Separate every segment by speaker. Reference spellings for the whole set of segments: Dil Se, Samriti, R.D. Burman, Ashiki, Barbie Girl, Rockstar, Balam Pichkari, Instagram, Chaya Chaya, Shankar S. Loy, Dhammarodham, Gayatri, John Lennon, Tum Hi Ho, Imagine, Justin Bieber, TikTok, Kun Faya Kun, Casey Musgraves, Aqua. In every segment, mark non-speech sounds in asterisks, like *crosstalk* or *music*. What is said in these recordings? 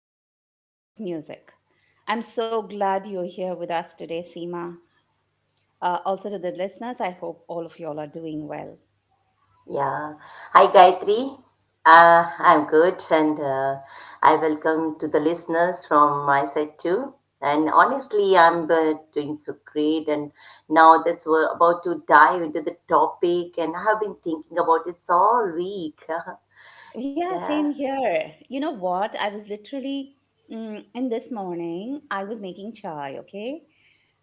Speaker 1: back to Sounds of Music. I'm so glad you're here with us today, Seema. Also, to the listeners, I hope all of y'all are doing well.
Speaker 2: Yeah. Hi, Gayatri. I'm good, and I welcome to the listeners from my side too. And honestly, I'm doing so great. And now that's we're about to dive into the topic, and I have been thinking about it all week. *laughs*
Speaker 1: Yeah,
Speaker 2: Yeah.
Speaker 1: same here. You know what? I was literally in this morning, I was making chai, okay?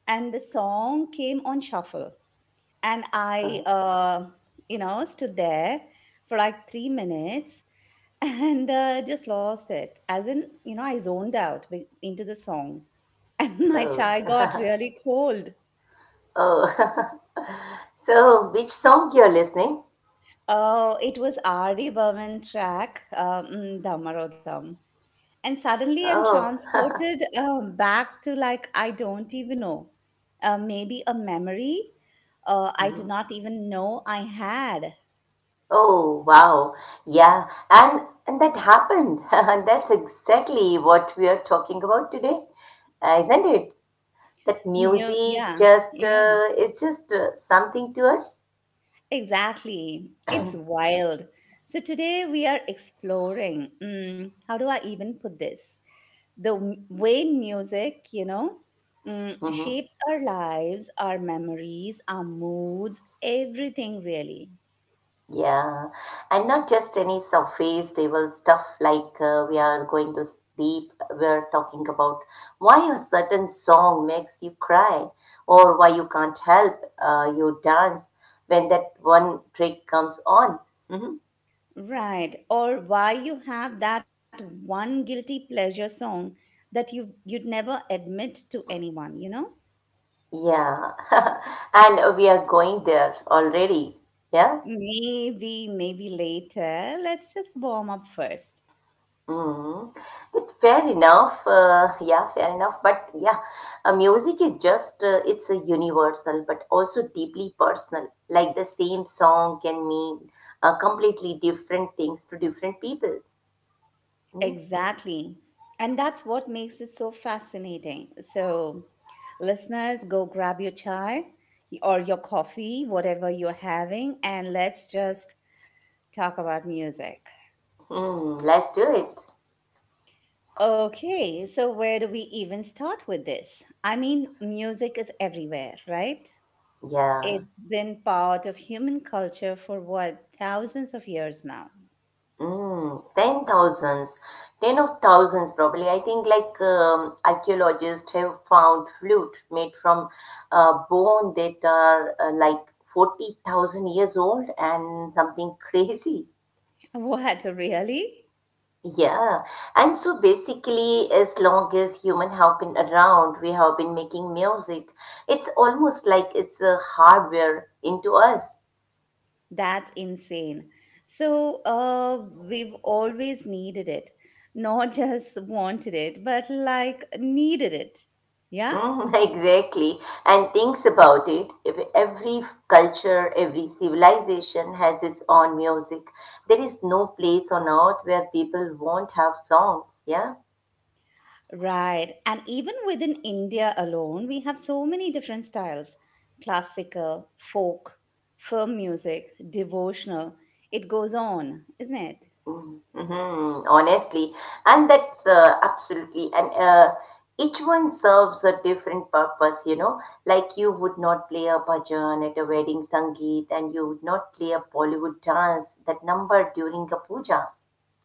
Speaker 1: And the song came on shuffle. And I stood there for like 3 minutes and just lost it. As in, I zoned out into the song, and *laughs* my
Speaker 2: Oh.
Speaker 1: chai got
Speaker 2: *laughs*
Speaker 1: really cold.
Speaker 2: Oh. *laughs* So, which song you're listening?
Speaker 1: Oh, it was R.D. Burman track, Dhammarodham. And suddenly I'm
Speaker 2: Oh.
Speaker 1: transported back to like, I don't even know, maybe a memory I did
Speaker 2: *laughs*
Speaker 1: not even know I had.
Speaker 2: Oh wow. Yeah. And that happened. *laughs* And that's exactly what we are talking about today. Isn't it? That music
Speaker 1: Yeah,
Speaker 2: just
Speaker 1: yeah.
Speaker 2: it's just something to us.
Speaker 1: Exactly. It's wild. So today we are exploring, how do I even put this? The way music,
Speaker 2: Hmm.
Speaker 1: shapes our lives, our memories, our moods, everything really.
Speaker 2: Yeah. And not just any surface level stuff like we are going to sleep. We are talking about why a certain song makes you cry, or why you can't help you dance when that one trick comes on. Mm-hmm.
Speaker 1: Right. Or why you have that one guilty pleasure song that you'd never admit to anyone, you know?
Speaker 2: Yeah, *laughs* and we are going there already. Yeah.
Speaker 1: Maybe, maybe later. Let's just warm up first.
Speaker 2: Mm. But fair enough. Yeah, fair enough. But yeah, music is just, it's a universal, but also deeply personal. Like the same song can mean completely different things to different people. Mm.
Speaker 1: Exactly. And that's what makes it so fascinating. So, listeners, go grab your chai or your coffee, whatever you're having, and let's just talk about music.
Speaker 2: Mm, let's do it.
Speaker 1: Okay, so where do we even start with this? I mean, music is everywhere, right?
Speaker 2: Yeah.
Speaker 1: It's been part of human culture for what, thousands of years now. *laughs*
Speaker 2: Mm, ten thousands, ten of thousands probably. I think like archaeologists have found flute made from bone that are like 40,000 years old and something *laughs* crazy.
Speaker 1: What, really?
Speaker 2: Yeah. And so basically, as long as human have been around, we have been making music. It's almost like it's a hardware into us.
Speaker 1: That's insane. So, we've always needed it, not *laughs* just wanted it, but like needed it. Yeah,
Speaker 2: Mm, *laughs* exactly. And thinks about it, if every culture, every civilization has its own music. There is no place on earth where people won't have songs, yeah?
Speaker 1: right. And even within India alone, we have so many different styles classical, folk, film music, devotional. It goes on, isn't it?
Speaker 2: Mm-hmm. Mm-hmm. Honestly. And that's absolutely, and each one serves a different purpose, you know? Like you would not play a bhajan at a wedding sangeet, and you would not play a Bollywood dance that number during a puja.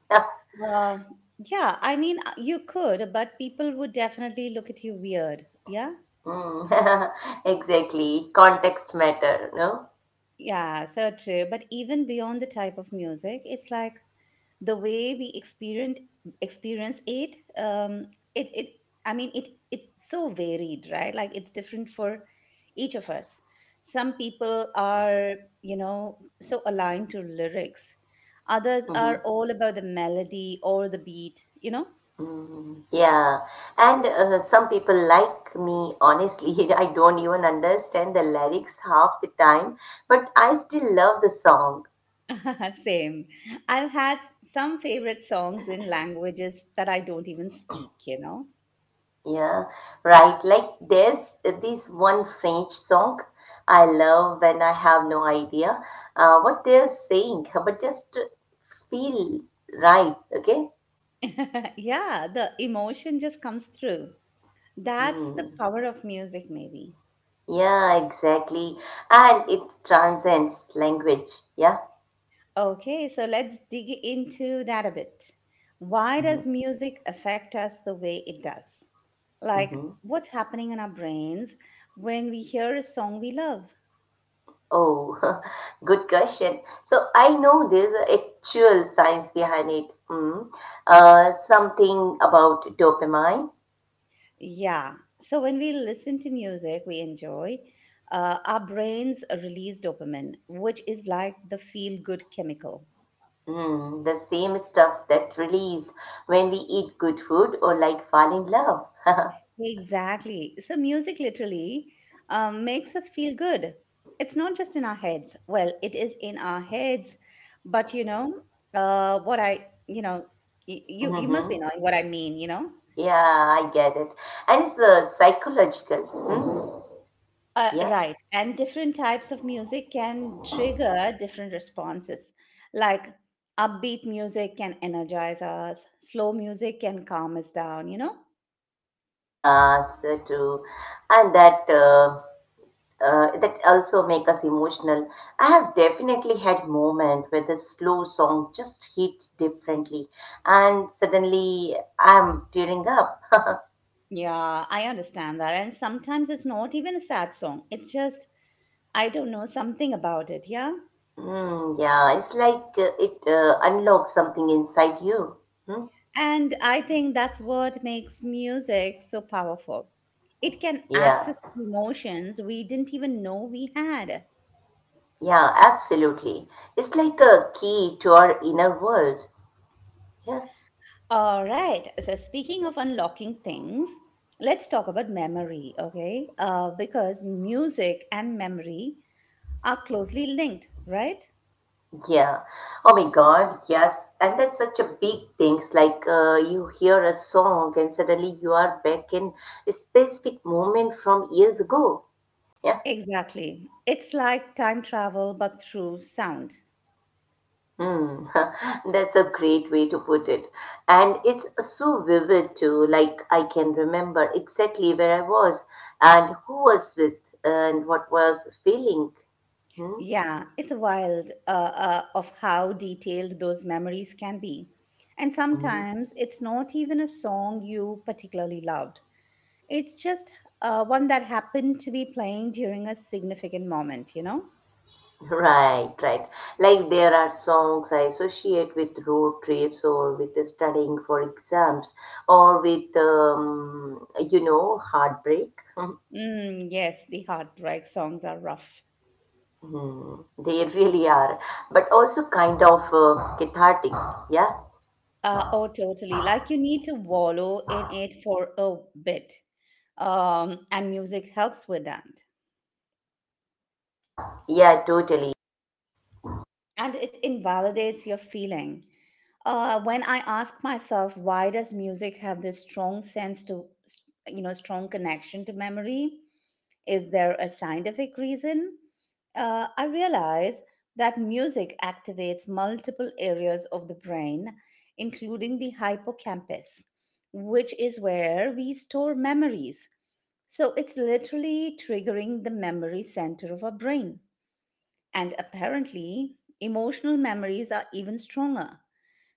Speaker 2: *laughs*
Speaker 1: Uh, yeah, I mean, you could, but people would definitely look at you weird. Yeah.
Speaker 2: Mm. *laughs* Exactly. Context matter, no?
Speaker 1: Yeah, so true. But even beyond the type of music, it's like the way we experience it. It I mean it's so varied, right? Like it's different for each of us. Some people are, so aligned to lyrics. Others
Speaker 2: Hmm.
Speaker 1: are all about the melody or the beat, you know?
Speaker 2: Mm. Yeah. And some people like me, honestly, *laughs* I don't even understand the lyrics half the time, but I still love the song.
Speaker 1: *laughs* Same. I've had some favorite songs in languages that I don't even speak, you know?
Speaker 2: Yeah. Right. Like there's this one French song I love when I have no idea what they're saying, but just feel right. Okay.
Speaker 1: *laughs* Yeah, the emotion just comes through. That's the
Speaker 2: Hmm.
Speaker 1: power of music, maybe.
Speaker 2: Yeah, exactly. And it transcends language. Yeah.
Speaker 1: Okay, so let's dig into that a bit. Why does music affect us the way it does? Like,
Speaker 2: Mm-hmm.
Speaker 1: what's happening in our brains when we hear a song we love?
Speaker 2: Oh, *laughs* good question. So I know there's a actual science behind it. Mm. Something about dopamine.
Speaker 1: Yeah, so when we listen to music we enjoy, our brains release dopamine, which is like the feel good chemical.
Speaker 2: Mm, the same stuff that release when we eat good food or like fall in love. *laughs*
Speaker 1: Exactly. So, music literally makes us feel good. It's not just in our heads. Well, it is in our heads, but what you must be
Speaker 2: Hmm.
Speaker 1: knowing what I mean.
Speaker 2: Yeah, I get it. And it's psychological. Hmm. Yeah.
Speaker 1: Right. And different types of music can trigger different responses. Like upbeat music can energize us, slow music can calm us down, you know?
Speaker 2: Yeah, so too. And that also make us emotional. I have definitely had moment where the slow song just hits differently, and suddenly I'm tearing up. *laughs*
Speaker 1: Yeah, I understand that. And sometimes it's not even a sad song. It's just I don't know, something about it, yeah?
Speaker 2: Mm, yeah, it's like it unlocks something inside you. Hmm?
Speaker 1: And I think that's what makes music so powerful. It can
Speaker 2: Yeah,
Speaker 1: access emotions we didn't even know we had.
Speaker 2: yeah, absolutely. It's like a key to our inner world. Yeah.
Speaker 1: All right, so speaking of unlocking things, let's talk about memory, okay? Because music and memory are closely linked, right?
Speaker 2: Yeah. Oh my God, yes. And that's such a big thing. It's like you hear a song and suddenly you are back in a specific moment from years ago. Yeah.
Speaker 1: Exactly. It's like time travel, but through sound.
Speaker 2: Hmm. *laughs* That's a great way to put it. And it's so vivid too. Like I can remember exactly where I was and who was with and what was feeling. Hmm?
Speaker 1: Yeah, it's wild of how detailed those memories can be. And
Speaker 2: Hmm.
Speaker 1: sometimes it's not even a song you particularly loved, it's just one that happened to be playing during a significant moment, you know?
Speaker 2: Right. Like there are songs I associate with road trips or with the studying for exams or with, you know, heartbreak.
Speaker 1: Mm, yes, the heartbreak songs are rough.
Speaker 2: Mhm. They really are, but also kind of cathartic. Yeah,
Speaker 1: Oh, totally. Like you need to wallow in it for a bit. And music helps with that.
Speaker 2: yeah, totally.
Speaker 1: And it invalidates your feeling. When I ask myself, why does music have this strong sense to, strong connection to memory? Is there a scientific reason? I realize that music activates multiple areas of the brain, including the hippocampus, which is where we store memories. So it's literally triggering the memory center of our brain. And apparently, emotional memories are even stronger.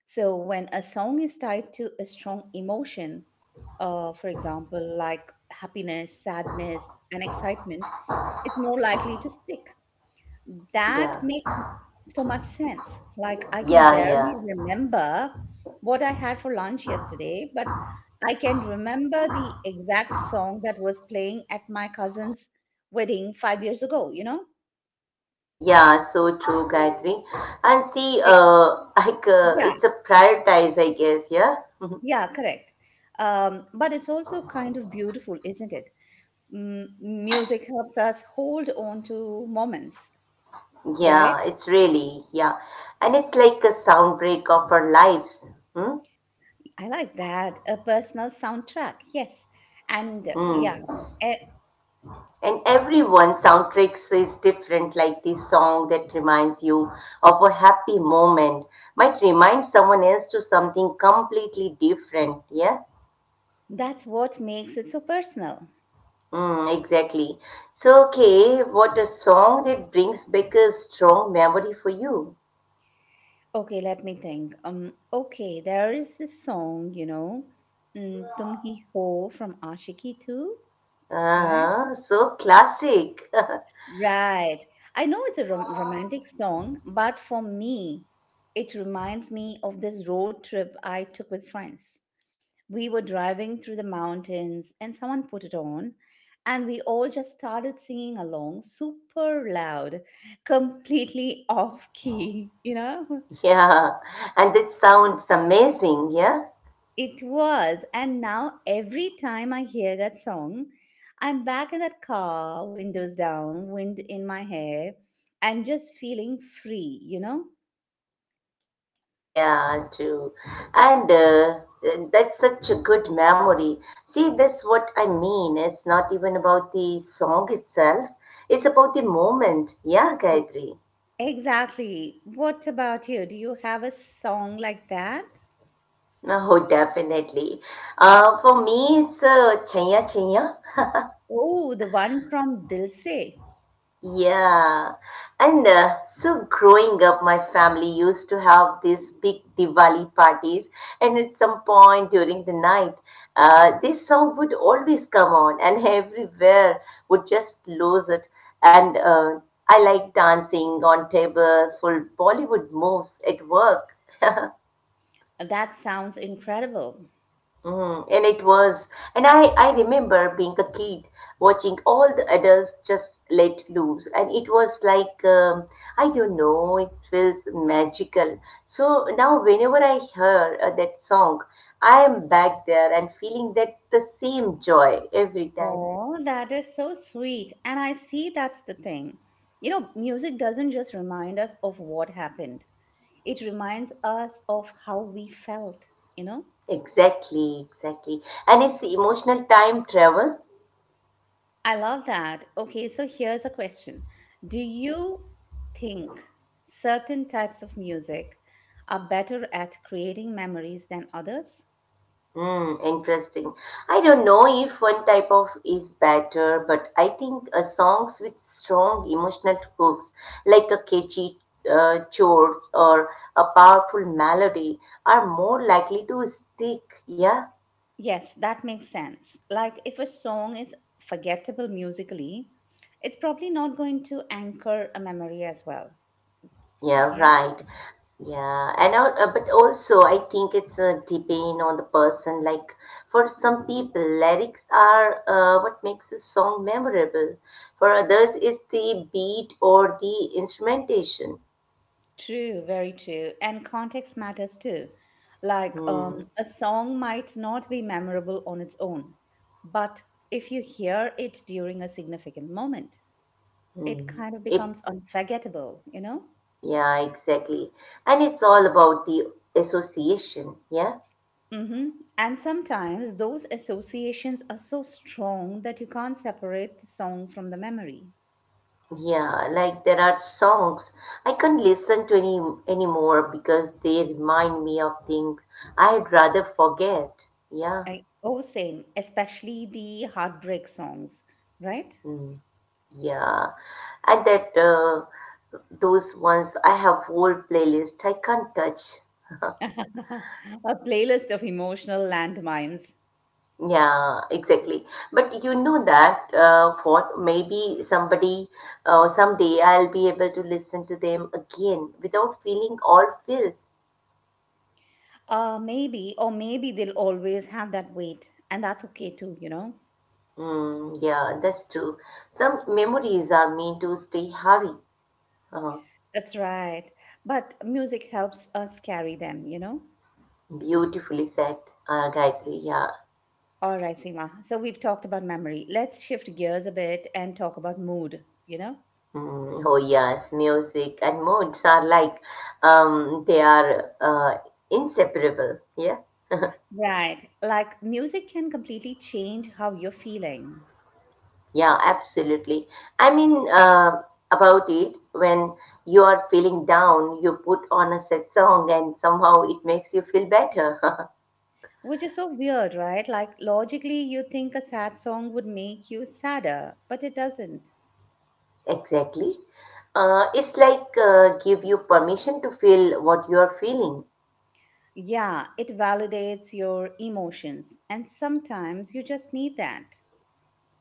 Speaker 1: So, when a song is tied to a strong emotion, for example, like happiness, sadness, and excitement, it's more likely to stick. That
Speaker 2: Yeah,
Speaker 1: makes so much sense. Like, I can
Speaker 2: yeah,
Speaker 1: barely
Speaker 2: yeah.
Speaker 1: remember what I had for lunch yesterday, but I can remember the exact song that was playing at my cousin's wedding 5 years ago, you know?
Speaker 2: Yeah, so true, Gayatri. And see,
Speaker 1: Eh,
Speaker 2: *laughs* like
Speaker 1: yeah,
Speaker 2: it's a prioritize, I guess. Yeah. *laughs*
Speaker 1: Yeah, correct. But it's also kind of beautiful, isn't it? M music helps us hold on to moments, right?
Speaker 2: Yeah, it's really, yeah. And it's like a soundtrack of our lives. Hmm?
Speaker 1: I like that. A personal soundtrack, yes. And yeah,
Speaker 2: Hmm.
Speaker 1: eh,
Speaker 2: And everyone soundtracks is different, like this song that reminds you of a happy moment might remind someone else to something completely different. Yeah?
Speaker 1: that's what makes it so personal.
Speaker 2: Hmm, exactly. So, okay, what a song that brings back a strong memory for you.
Speaker 1: Okay, let me think. Okay, there is this song, Tum Hi Ho from Ashiki too, right?
Speaker 2: Uh-huh, so classic. *laughs*
Speaker 1: Right. I know it's a romantic song, but for me, it reminds me of this road trip I took with friends. We were driving through the mountains and someone put it on, and we all just started singing along super loud, completely off key, *laughs* you know?
Speaker 2: Yeah, and it sounds amazing, yeah?
Speaker 1: It was. And now every time I hear that song, I'm back in that car, windows down, wind in my hair, and just feeling free, you know?
Speaker 2: Yeah, true. And that's such a good memory. See, that's what I mean. It's not even about the song itself, it's about the moment. Yeah, Gayatri. *laughs*
Speaker 1: Exactly. What about you? Do you have a song like that?
Speaker 2: Oh, definitely. For me, it's Chaya Chaya.
Speaker 1: Oh, the one from Dil Se.
Speaker 2: Yeah, and so growing up, my family used to have these big Diwali parties, and at some point during the night, this song would always come on, and everywhere would just lose it. And I like dancing on table for Bollywood moves at work.
Speaker 1: That sounds incredible.
Speaker 2: Mm, and it was, and I remember being a kid watching all the adults just let loose, and it was like, I don't know, it feels magical. So now, whenever I hear that song, I am back there and feeling that the same joy every time.
Speaker 1: Oh, that is so sweet. And I see that's the thing. You know, music doesn't just remind us of what happened, it reminds us of how we felt, you know?
Speaker 2: Exactly. And it's emotional time travel.
Speaker 1: I love that. Okay, so here's a question. Do you think certain types of music are better at creating memories than others?
Speaker 2: Hmm, interesting. I don't know if one type of is better, but I think songs with strong emotional hooks, like a catchy chords or a powerful melody, are more likely to stick. Yeah.
Speaker 1: Yes, that makes sense. Like if a song is forgettable musically, it's probably not going to anchor a memory as well.
Speaker 2: Yeah,
Speaker 1: Yeah?
Speaker 2: right. Yeah, but also I think it's a depend on the person. Like for some people, lyrics are what makes a song memorable. For others, it's the beat or the instrumentation.
Speaker 1: True, very true. And context matters too. Like
Speaker 2: Hmm.
Speaker 1: a song might not be memorable on its own, but if you hear it during a significant moment, it
Speaker 2: Hmm.
Speaker 1: kind of
Speaker 2: It.
Speaker 1: becomes unforgettable, you know?
Speaker 2: Yeah, exactly. And it's all about the association. Yeah.
Speaker 1: hmm And sometimes those associations are so strong that you can't separate the song from the memory.
Speaker 2: Yeah, like there are songs I can't listen to anymore because they remind me of things I'd rather forget. Yeah,
Speaker 1: Oh, same, especially the heartbreak songs, right?
Speaker 2: mm, yeah, and that those ones I have whole playlist I can't touch.
Speaker 1: *laughs* A playlist of emotional landmines.
Speaker 2: Yeah, exactly. But you know that what maybe somebody someday I'll be able to listen to them again without feeling all feels.
Speaker 1: Maybe, or maybe they'll always have that weight, and that's okay too, you know?
Speaker 2: Mm, yeah, that's true. Some memories are meant to stay heavy. Uh,
Speaker 1: That's right. But music helps us carry them, you know?
Speaker 2: beautifully said, Gayatri. Yeah.
Speaker 1: All right, Seema. So we've talked about memory. Let's shift gears a bit and talk about mood, you know?
Speaker 2: Mm, oh yes, music and moods are like they are inseparable. Yeah.
Speaker 1: Right. Like music can completely change how you're feeling,
Speaker 2: Yeah, absolutely. I mean, about it, when you are feeling down, you put on a sad song, and somehow it makes you feel better. *laughs*
Speaker 1: which is so weird, right? Like logically, you think a sad song would make you sadder, but it doesn't.
Speaker 2: Exactly. It's like give you permission to feel what you are feeling.
Speaker 1: Yeah, it validates your emotions. And sometimes you just need that.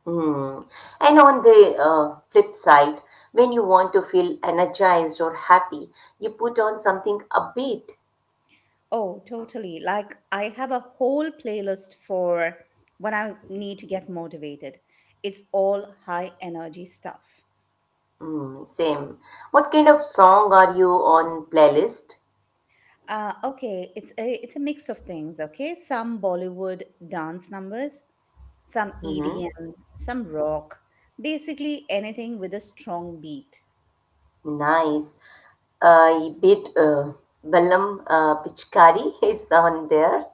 Speaker 2: Hmm. And on the flip side, when you want to feel energized or happy, you put on something upbeat.
Speaker 1: Oh, totally. Like I have a whole playlist for when I need to get motivated. It's all high energy stuff.
Speaker 2: Hmm. Same. What kind of song are you on playlist?
Speaker 1: Okay, it's a mix of things. Okay, some Bollywood dance numbers, some
Speaker 2: Hmm.
Speaker 1: EDM, some rock, basically anything with a strong beat.
Speaker 2: Nice. Bit Balam Pichkari *laughs* is on there.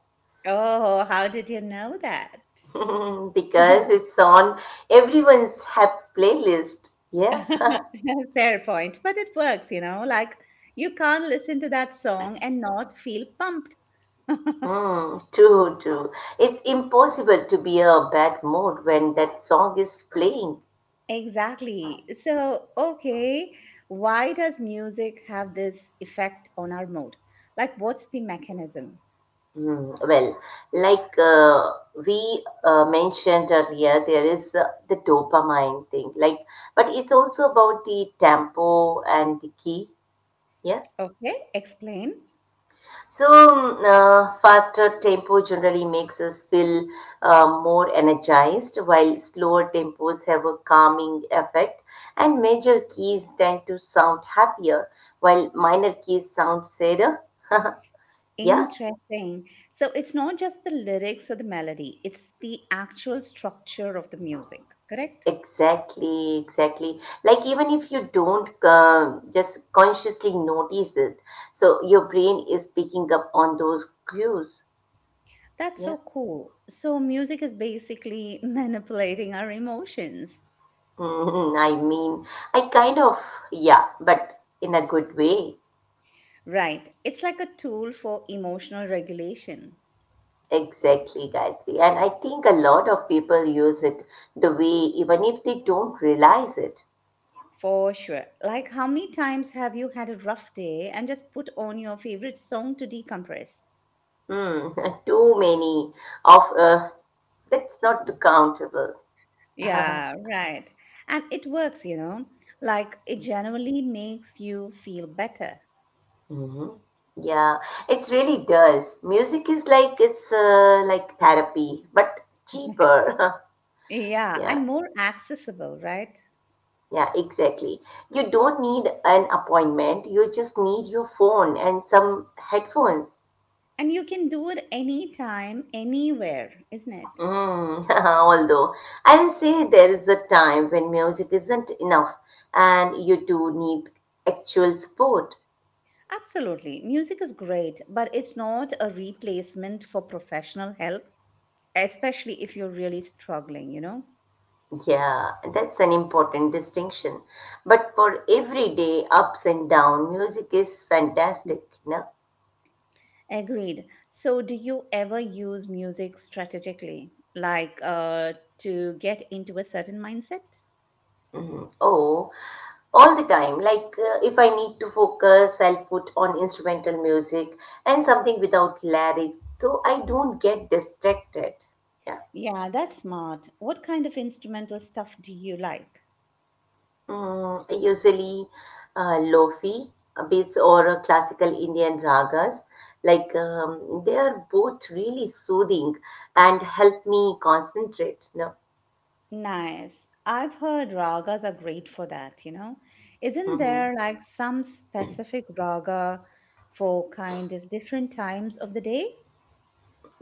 Speaker 1: Oh, how did you know that?
Speaker 2: *laughs* Because
Speaker 1: *laughs*
Speaker 2: it's on everyone's hap playlist. Yeah. *laughs*
Speaker 1: Fair point, but it works, you know. Like you can't listen to that song and not feel pumped. *laughs*
Speaker 2: Hmm, true, true. It's impossible to be a bad mood when that song is playing.
Speaker 1: Exactly. So, okay, why does music have this effect on our mood? Like, what's the mechanism?
Speaker 2: Hmm, well, like we mentioned earlier, there is the dopamine thing. Like, but it's also about the tempo and the key. Yeah?
Speaker 1: Okay, explain.
Speaker 2: So, faster tempo generally makes us feel more energized, while slower tempos have a calming effect, and major keys tend to sound happier, while minor keys sound sadder. Yeah,
Speaker 1: Interesting. So it's not just the lyrics or the melody, it's the actual structure of the music, correct?
Speaker 2: exactly. Like, even if you don't just consciously notice it, so your brain is picking up on those cues.
Speaker 1: That's
Speaker 2: Yeah,
Speaker 1: so cool. So music is basically *laughs* manipulating our emotions.
Speaker 2: *laughs* I mean, I kind of, yeah, but in a good way.
Speaker 1: Right. It's like a tool for emotional regulation.
Speaker 2: Exactly, Gayatri. And I think a lot of people use it the way, even if they don't realize it.
Speaker 1: For sure. Like, how many times have you had a rough day and just put on your favorite song to decompress?
Speaker 2: Hmm, *laughs* too many of that's not countable.
Speaker 1: Yeah, right. And it works, like it generally makes you feel better.
Speaker 2: Hmm. Yeah, it really does. Music is like it's like therapy, but cheaper.
Speaker 1: *laughs*
Speaker 2: *laughs*
Speaker 1: Yeah,
Speaker 2: Yeah,
Speaker 1: and more accessible, right?
Speaker 2: yeah, exactly. You don't need an appointment. You just need your phone and some headphones.
Speaker 1: And you can do it anytime, anywhere, isn't it?
Speaker 2: Mm, *laughs* although I will say there is a time when music isn't enough and you do need actual support.
Speaker 1: Absolutely. Music is great, but it's not a replacement for professional help, especially if you're really struggling, you know?
Speaker 2: Yeah, that's an important distinction. But for everyday ups and down, music is fantastic,
Speaker 1: *clears throat*
Speaker 2: no?
Speaker 1: Agreed. So, do you ever use music strategically, like to get into a certain mindset?
Speaker 2: Mhm. Oh, all the time. Like if I need to focus, I'll put on instrumental music and something without lyrics so I don't get distracted. Yeah.
Speaker 1: Yeah, that's smart. What kind of instrumental stuff do you like?
Speaker 2: Mm, usually lofi beats or classical Indian ragas. Like they are both really soothing and help me concentrate. No.
Speaker 1: Nice. I've heard ragas are great for that, you know. Isn't
Speaker 2: Hmm.
Speaker 1: there like some specific raga for kind of different times of the day?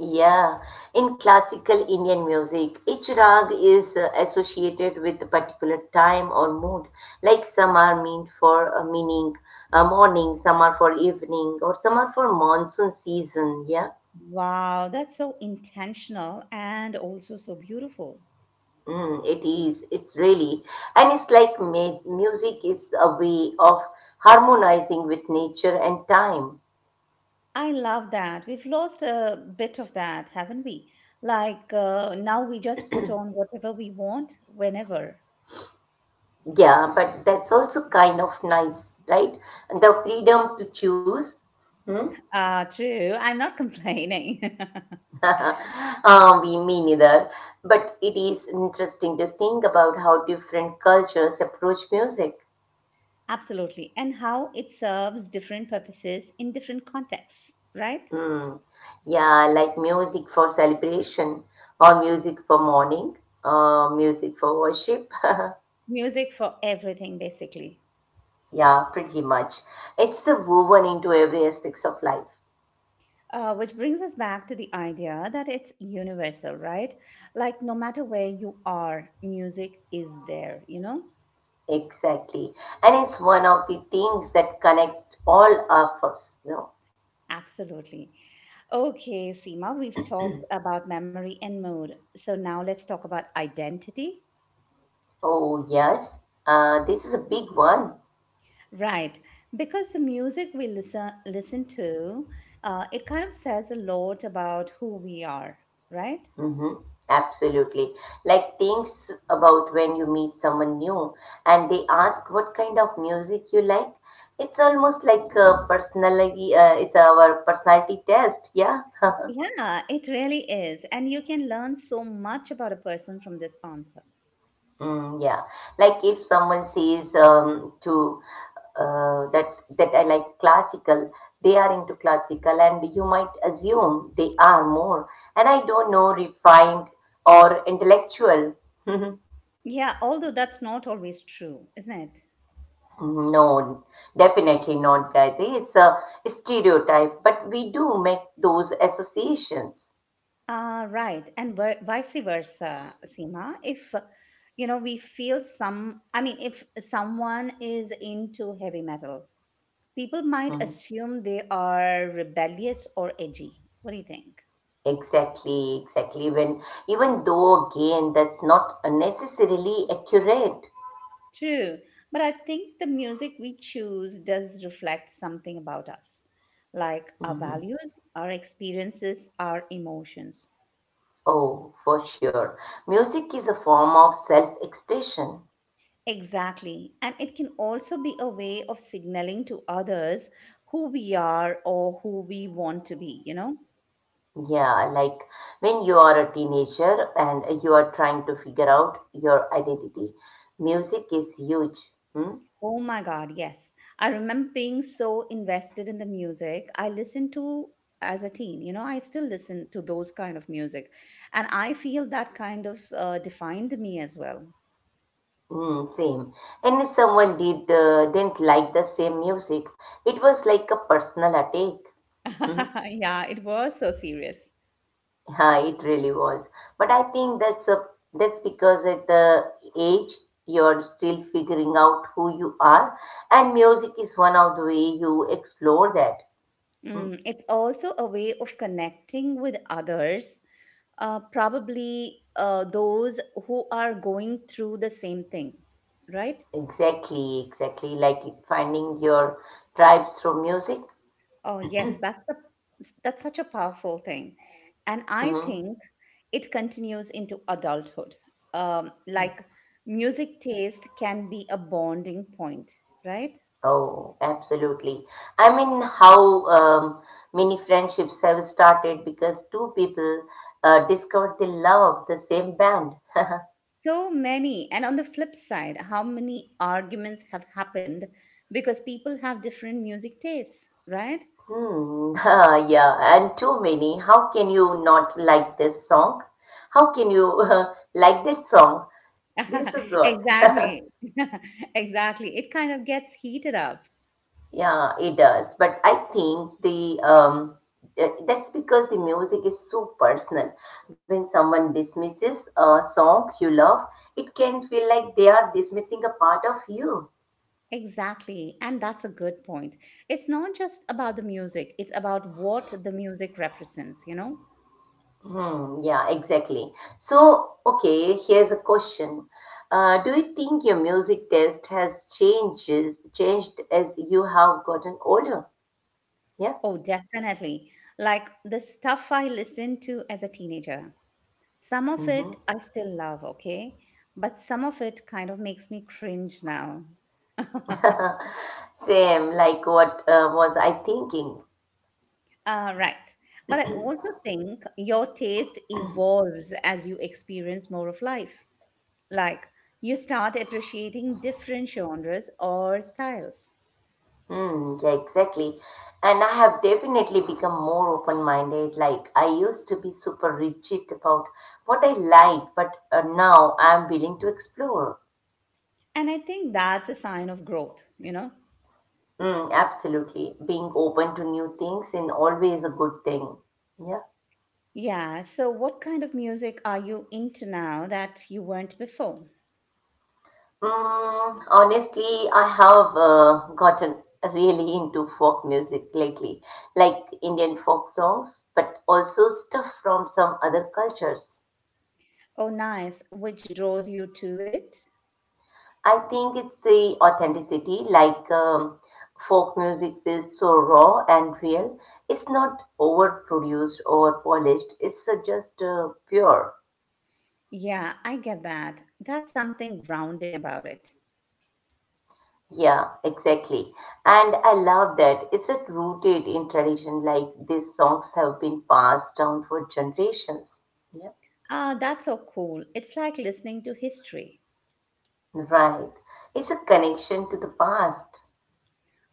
Speaker 2: Yeah, in classical Indian music, each rag is associated with a particular time or mood. Like some are meant for a meaning, a morning, some are for evening, or some are for monsoon season. Yeah.
Speaker 1: Wow, that's so intentional and also so beautiful.
Speaker 2: Mm, it is. It's really, and it's like music is a way of harmonizing with nature and time.
Speaker 1: I love that. We've lost a bit of that, haven't we? Like now we just put on whatever we want whenever.
Speaker 2: Yeah, but that's also kind of nice, right? And the freedom to choose. Hmm?
Speaker 1: Ah, true. I'm not complaining. *laughs*
Speaker 2: *laughs* We me neither. But it is interesting to think about how different cultures approach music.
Speaker 1: Absolutely. And how it serves different purposes in different contexts, right?
Speaker 2: Mm. Yeah, like music for celebration, or music for mourning, or music for worship. *laughs*
Speaker 1: Music for everything, basically.
Speaker 2: Yeah, pretty much. It's the woven into every aspects of life.
Speaker 1: Which brings us back to the idea that it's universal, right? Like, no matter where you are, music is there, you know?
Speaker 2: Exactly. And it's one of the things that connects all of us. You know?
Speaker 1: Absolutely. Okay, Seema, we've talked about memory and mood. So now let's talk about identity.
Speaker 2: Oh, yes. This is a big one.
Speaker 1: Right, because the music we listen to, it kind of says a lot about who we are, right?
Speaker 2: Hmm. Absolutely. Like things about when you meet someone new and they ask what kind of music you like. It's almost like a personality, it's our personality test. Yeah. *laughs*
Speaker 1: Yeah, it really is, and you can learn so much about a person from this answer.
Speaker 2: Mm, yeah, like if someone says to that that I like classical, they are into classical, and you might assume they are more, and I don't know, refined or intellectual. *laughs*
Speaker 1: Yeah, although that's not always true, isn't it?
Speaker 2: No, definitely not, Gayatri. It's a stereotype, but we do make those associations.
Speaker 1: Right, and vice versa, Seema. If you know, we feel some. I mean, if someone is into heavy metal, people might
Speaker 2: Mhm.
Speaker 1: assume they are rebellious or edgy. What do you think?
Speaker 2: Exactly, exactly. When even though again that's not necessarily accurate.
Speaker 1: True, but I think the music we choose does reflect something about us, like our values, our experiences, our emotions.
Speaker 2: Oh, for sure. Music is a form of self-expression.
Speaker 1: Exactly, and it can also be a way of signaling to others who we are or who we want to be, you know?
Speaker 2: Yeah, like when you are a teenager and you are trying to figure out your identity, music is huge. Hmm?
Speaker 1: Oh my God, yes. I remember being so invested in the music I listened to as a teen. You know, I still listen to those kind of music, and I feel that kind of defined me as well.
Speaker 2: Mm, same. And if someone didn't like the same music, it was like a personal attack. Hmm?
Speaker 1: *laughs* Yeah, it was so serious.
Speaker 2: Yeah, it really was. But I think that's because at the age you're still figuring out who you are, and music is one of the way you explore that. Hmm?
Speaker 1: Mm, it's also a way of connecting with others, probably those who are going through the same thing, right?
Speaker 2: Exactly, exactly. Like finding your tribes through music.
Speaker 1: Oh, yes, that's such a powerful thing, and I
Speaker 2: Hmm.
Speaker 1: think it continues into adulthood. Like music taste can be a bonding point, right?
Speaker 2: Oh, absolutely. I mean, how many friendships have started because two people discovered they love the same band. *laughs*
Speaker 1: So many. And on the flip side, how many arguments have happened because people have different music tastes, right?
Speaker 2: Hmm. *laughs* Yeah, and too many. How can you not like this song? How can you *laughs* like that song? This is
Speaker 1: *laughs*
Speaker 2: what,
Speaker 1: Exactly. *laughs* Exactly. It kind of gets heated up.
Speaker 2: yeah, it does. But I think the that's because the music is so personal. When someone dismisses a song you love, it can feel like they are dismissing a part of you.
Speaker 1: Exactly. And that's a good point. It's not just about the music, it's about what the music represents, you know?
Speaker 2: Hmm, yeah, exactly. So, okay, here's a question. Do you think your music taste has changes changed as you have gotten older? Yeah.
Speaker 1: Oh, definitely. Like the stuff I listened to as a teenager. Some of it
Speaker 2: Hmm.
Speaker 1: I still love, okay? But some of it kind of makes me cringe now. *laughs* uh,
Speaker 2: *laughs* Same, like what was I thinking?
Speaker 1: right. But I also think your taste evolves as you experience more of life. Like you start appreciating different genres or styles.
Speaker 2: Hmm, yeah, exactly. And I have definitely become more open-minded. Like I used to be super rigid about what I like, but now I'm willing to explore.
Speaker 1: And I think that's a sign of growth, you know?
Speaker 2: Mm, absolutely. Being open to new things is always a good thing. Yeah.
Speaker 1: Yeah. So, what kind of music are you into now that you weren't before?
Speaker 2: Mm, honestly, I have gotten really into folk music lately, like Indian folk songs, but also stuff from some other cultures.
Speaker 1: Oh, nice. Which draws you to it?
Speaker 2: I think it's the authenticity, like folk music is so raw and real. It's not overproduced or polished, it's just pure.
Speaker 1: Yeah, I get that. That's something grounding about it.
Speaker 2: Yeah, exactly. And I love that. Is it rooted in tradition like these songs have been passed down for generations? Yeah.
Speaker 1: Ah, that's so cool. It's like listening to history.
Speaker 2: Right. It's a connection to the past.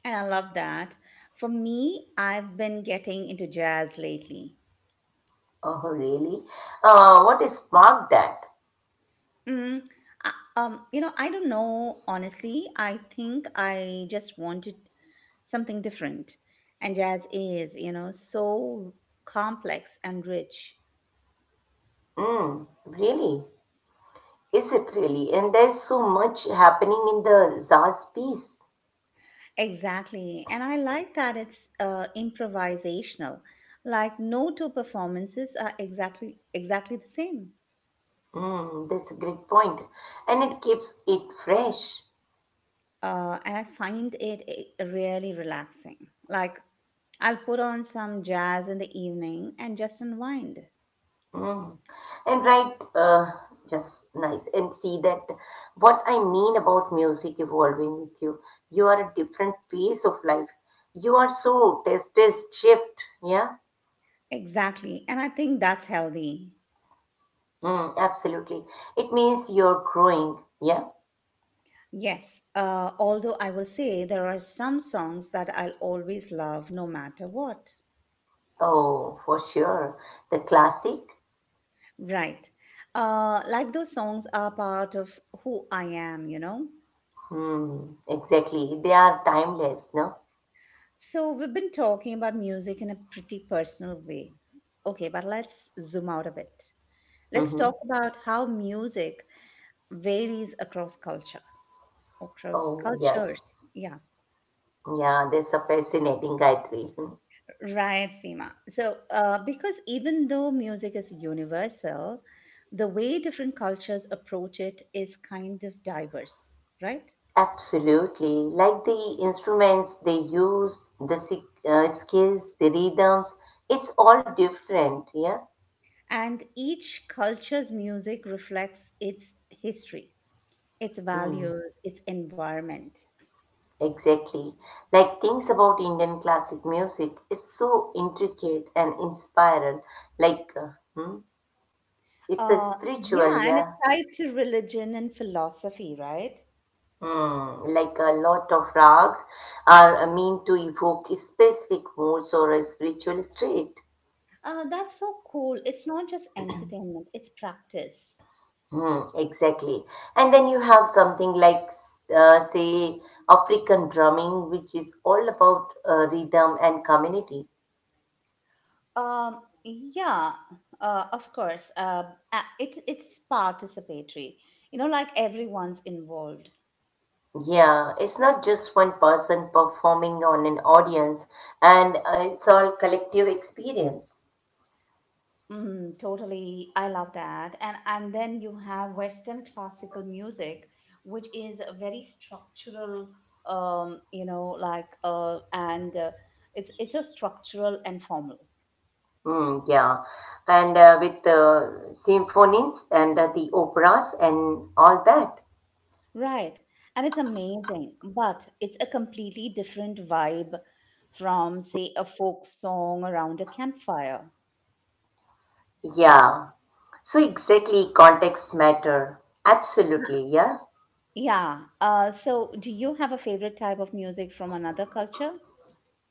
Speaker 1: And I love that. For me, I've been getting into jazz lately.
Speaker 2: Oh, really? What has sparked that?
Speaker 1: Mm, I you know, I don't know, honestly. I think I just wanted something different. And jazz is, you know, so complex and rich.
Speaker 2: Mm, really? Is it really? And there's so much happening in the Zaz piece.
Speaker 1: Exactly. And I like that it's improvisational. Like no two performances are exactly the same.
Speaker 2: Mm, that's a great point. And it keeps it fresh.
Speaker 1: And I find it really relaxing. Like I'll put on some jazz in the evening and just unwind.
Speaker 2: Mm. And right, just nice. And see that what I mean about music evolving with you. You are a different phase of life. You are so test test shift. Yeah.
Speaker 1: Exactly. And I think that's healthy.
Speaker 2: Mm, absolutely. It means you're growing. Yeah.
Speaker 1: Yes. Although I will say there are some songs that I'll always love no matter what.
Speaker 2: Oh, for sure. The classic.
Speaker 1: Right. Like those songs are part of who I am, you know?
Speaker 2: Hmm. Exactly. They are timeless. No.
Speaker 1: So, we've been talking about music in a pretty personal way. Okay, but let's zoom out a bit. Let's
Speaker 2: Mm-hmm.
Speaker 1: talk about how music varies across culture, across
Speaker 2: Oh,
Speaker 1: cultures.
Speaker 2: yes.
Speaker 1: Yeah,
Speaker 2: Yeah. That's a fascinating guy. *laughs*
Speaker 1: right, Seema. So, because even though music is universal, the way different cultures approach it is kind of diverse, right?
Speaker 2: Absolutely. Like the instruments they use, the skills, the rhythms, it's all different, yeah?
Speaker 1: And each culture's music reflects its history, its
Speaker 2: Mm,
Speaker 1: values, its environment.
Speaker 2: exactly. Like things about Indian classic music, it's so intricate and inspiring. Like, hmm, it's a
Speaker 1: Uh, yeah,
Speaker 2: spiritual,
Speaker 1: and it's
Speaker 2: yeah?
Speaker 1: tied to religion and philosophy, right?
Speaker 2: Hmm, like a lot of rags are meant to evoke specific moods or a spiritual state.
Speaker 1: That's so cool. It's not just entertainment, it's practice.
Speaker 2: Hmm, exactly. And then you have something like, say, African drumming, which is all about rhythm and community.
Speaker 1: Um, yeah, of course. It's participatory, you know, like everyone's involved.
Speaker 2: Yeah, it's not just one person performing on an audience, and it's all collective experience.
Speaker 1: Mm, totally. I love that. And then you have Western classical music, which is a very structural, you know, like, and it's so structural and formal.
Speaker 2: Mm, yeah, and with the symphonies and the operas and all that.
Speaker 1: Right. And it's amazing, but it's a completely different vibe from, say, a folk song around a campfire.
Speaker 2: Yeah, so exactly context matter. Absolutely, yeah.
Speaker 1: Yeah. So, do you have a favorite type of music from another culture?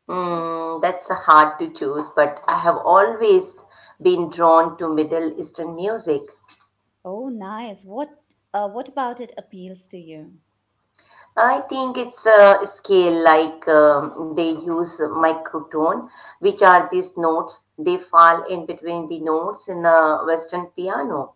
Speaker 2: Mm, that's a hard to choose, but I have always been drawn to Middle Eastern music.
Speaker 1: Oh, nice. What about it appeals to you?
Speaker 2: I think it's a scale like they use microtone, which are these notes. They fall in between the notes in a Western piano.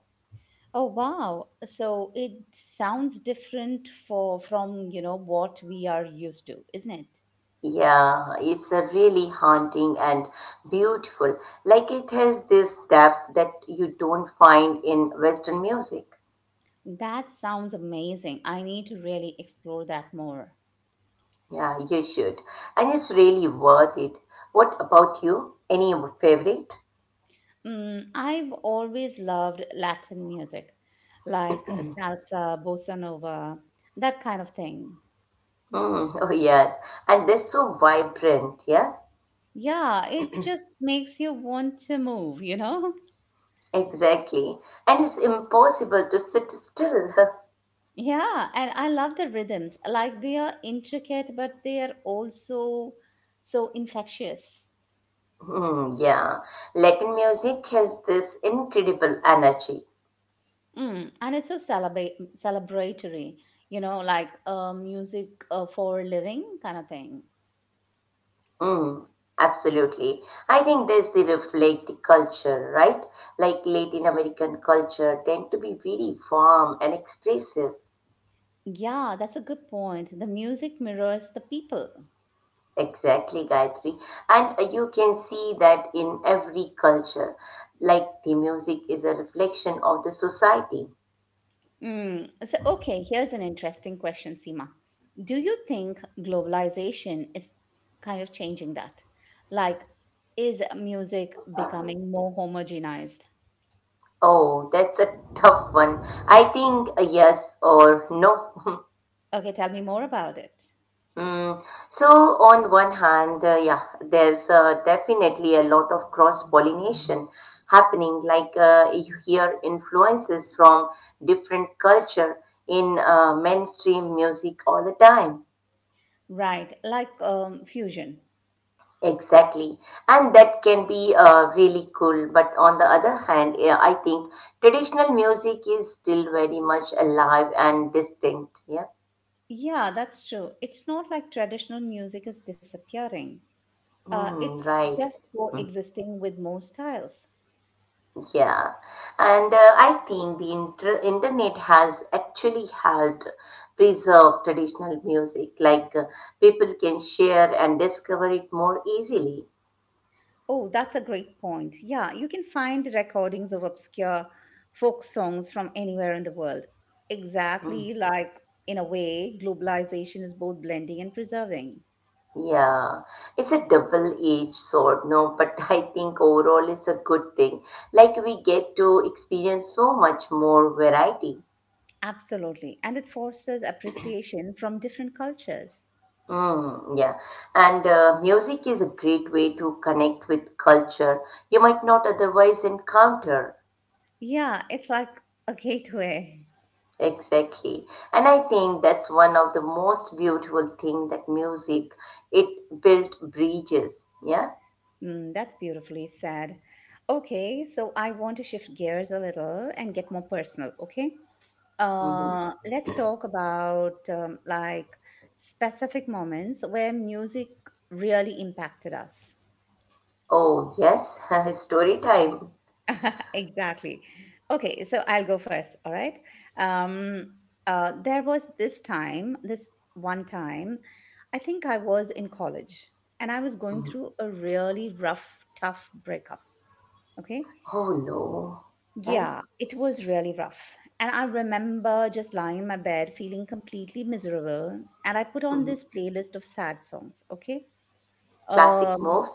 Speaker 1: Oh, wow. So it sounds different for from, you know, what we are used to, isn't it?
Speaker 2: Yeah, it's a really haunting and beautiful. Like it has this depth that you don't find in Western music.
Speaker 1: That sounds amazing. I need to really explore that more.
Speaker 2: Yeah, you should. And it's really worth it. What about you? Any favorite?
Speaker 1: Mm, I've always loved Latin music, like salsa, bossa nova, that kind of thing.
Speaker 2: Mm. *laughs* Oh, yes. And they're so vibrant, yeah?
Speaker 1: Yeah, it just makes you want to move, you know? *laughs*
Speaker 2: Exactly. And it's impossible to sit still. *laughs*
Speaker 1: Yeah, and I love the rhythms. Like they are intricate, but they are also so infectious.
Speaker 2: Mm, yeah. Latin music has this incredible energy.
Speaker 1: Mm, and it's so celebratory, you know, like music for living kind of thing.
Speaker 2: Mm, absolutely. I think this they reflect the culture, right? Like Latin American culture tend to be very warm and expressive.
Speaker 1: Yeah, that's a good point. The music mirrors the people.
Speaker 2: Exactly, Gayatri. And you can see that in every culture. Like the music is a reflection of the society.
Speaker 1: Mm, so, okay, here's an interesting question, Seema. Do you think globalization is kind of changing that? Like, is music becoming more homogenized?
Speaker 2: Oh, that's a *laughs* tough one. I think a yes or no. *laughs*
Speaker 1: Okay, tell me more about it.
Speaker 2: Mm. So, on one hand, yeah, there's definitely a lot of cross pollination happening. Like you hear influences from different culture in mainstream music all the time.
Speaker 1: Right, like fusion.
Speaker 2: Exactly. And that can be really cool. But on the other hand, yeah, I think traditional music is still very much alive and distinct. Yeah.
Speaker 1: Yeah, that's true. It's not like traditional music is disappearing.
Speaker 2: Mm,
Speaker 1: It's
Speaker 2: right.
Speaker 1: just
Speaker 2: Mm.
Speaker 1: coexisting with more styles.
Speaker 2: Yeah, and I think the internet has actually helped preserve traditional music. Like people can share and discover it more easily.
Speaker 1: Oh, that's a great point. Yeah, you can find recordings of obscure folk songs from anywhere in the world.
Speaker 2: Hmm.
Speaker 1: Exactly, like, in a way, globalization is both blending and preserving.
Speaker 2: Yeah, it's a double-edged sword, no, but *laughs* I think overall it's a good thing. Like we get to experience so much more variety.
Speaker 1: Absolutely. And it fosters appreciation from different cultures.
Speaker 2: Mm, yeah, and music is a great way to connect with culture you might not otherwise encounter.
Speaker 1: Yeah, it's like a gateway.
Speaker 2: Exactly. And I think that's one of the most beautiful thing that music, it built bridges. Yeah.
Speaker 1: Mm, that's beautifully said. Okay, so I want to shift gears a little and get more personal, okay?
Speaker 2: Hmm.
Speaker 1: Let's talk about like specific moments where music really impacted us.
Speaker 2: Oh, yes, *laughs* story time.
Speaker 1: *laughs* Exactly. Okay, so I'll go first. All right. Um, there was this time, this one time, I think I was in college and I was going
Speaker 2: Mm-hmm.
Speaker 1: through a really rough, tough breakup. Okay.
Speaker 2: Oh no. Then
Speaker 1: Yeah, it was really rough. And I remember just lying in my bed feeling completely miserable. And I put on
Speaker 2: mm,
Speaker 1: this playlist of sad songs, okay?
Speaker 2: classic
Speaker 1: Um,
Speaker 2: moves.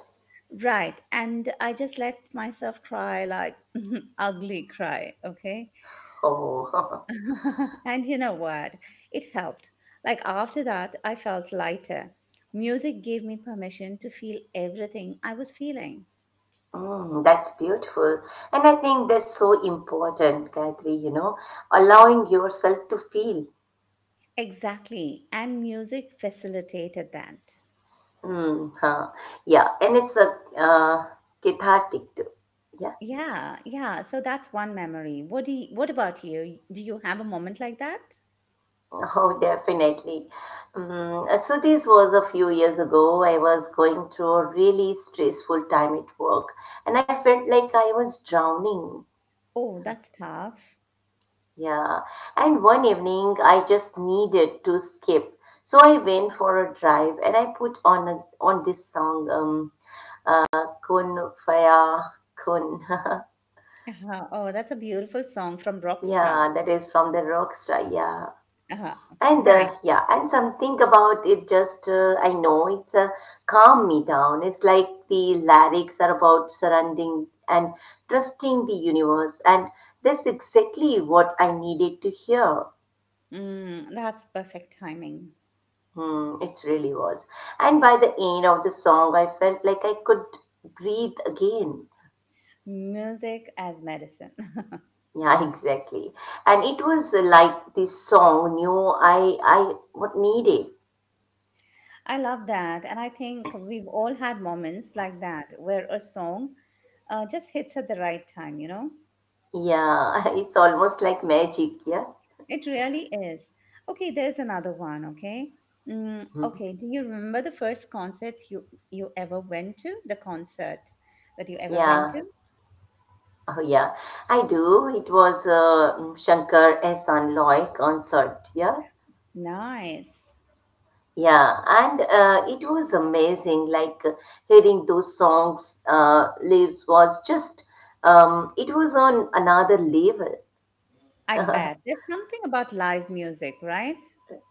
Speaker 1: right. And I just let myself cry like *laughs* ugly cry, okay?
Speaker 2: Oh.
Speaker 1: *laughs* And you know what? It helped. Like after that, I felt lighter. Music gave me permission to feel everything I was feeling.
Speaker 2: *laughs* Mm, that's beautiful. And I think that's so important, Gayatri, you know, allowing yourself to feel.
Speaker 1: Exactly. And music facilitated that.
Speaker 2: Mm, huh. Yeah, and it's a uh, cathartic too. Yeah.
Speaker 1: Yeah, yeah. So that's one memory. What about you? Do you have a moment like that?
Speaker 2: *laughs* Oh, definitely. Mm, so this was a few years ago. I was going through a really stressful time at work, and I felt like I was drowning.
Speaker 1: Oh, that's tough.
Speaker 2: Yeah, and one evening I just needed to skip, so I went for a drive and I put on this song, Kun Faya Kun. *laughs*
Speaker 1: Uh-huh. Oh, that's a beautiful song from Rockstar.
Speaker 2: Yeah, that is from the Rockstar. Yeah,
Speaker 1: Uh-huh.
Speaker 2: and
Speaker 1: Right.
Speaker 2: yeah, and something about it just I know it's calm me down. It's like the lyrics are about surrounding and trusting the universe, and that's exactly what I needed to hear.
Speaker 1: Mm, that's perfect timing.
Speaker 2: Hmm, it really was. And by the end of the song, I felt like I could breathe again.
Speaker 1: Music as medicine. *laughs*
Speaker 2: Yeah, *laughs* exactly. And it was like this song knew I what needed.
Speaker 1: I love that. And I think we've all had moments like that where a song just hits at the right time, you know?
Speaker 2: Yeah, *laughs* it's almost like magic. Yeah.
Speaker 1: It really is. Okay, there's another one, okay? Mm,
Speaker 2: Mhm.
Speaker 1: okay, do you remember the first concert you you ever went to? The concert that you ever went
Speaker 2: Yeah.
Speaker 1: to?
Speaker 2: Oh yeah, I do. It was a Shankar S. Loy concert. Yeah.
Speaker 1: Nice.
Speaker 2: Yeah, and it was amazing. Like hearing those songs, lives was just, it was on another level.
Speaker 1: I bet. There's something about live music, right?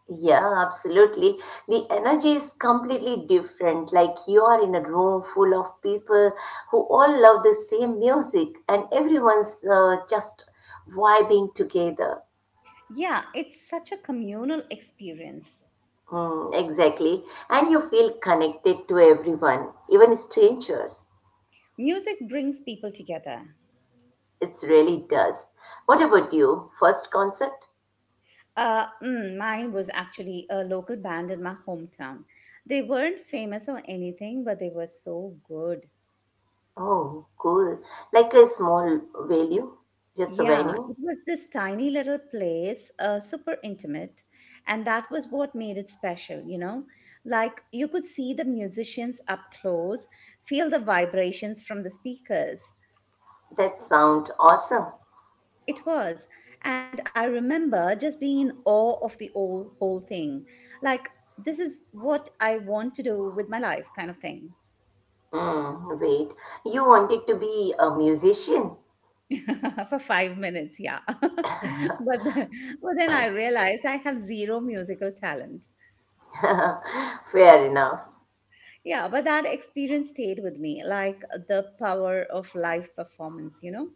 Speaker 2: Yeah, absolutely. The energy is completely different. Like you are in a room full of people who all love the same music, and everyone's just vibing together.
Speaker 1: Yeah, it's such a communal experience.
Speaker 2: Mm, exactly. And you feel connected to everyone, even strangers.
Speaker 1: Music brings people together.
Speaker 2: It really does. What about you? First concept?
Speaker 1: Mine was actually a local band in my hometown. They weren't famous or anything, but they were so good.
Speaker 2: Oh, cool. Like a small value? Just a
Speaker 1: Yeah,
Speaker 2: venue?
Speaker 1: it was this tiny little place, super intimate, and that was what made it special, you know? Like you could see the musicians up close, feel the vibrations from the speakers.
Speaker 2: That sound awesome.
Speaker 1: It was. And I remember just being in awe of the whole thing. Like, this is what I want to do with my life, kind of thing.
Speaker 2: Mm, wait, you wanted to be a musician?
Speaker 1: *laughs* For 5 minutes, yeah. *laughs* But, then I realized I have zero musical talent.
Speaker 2: *laughs* Fair enough.
Speaker 1: Yeah, but that experience stayed with me, like the power of live performance, you know?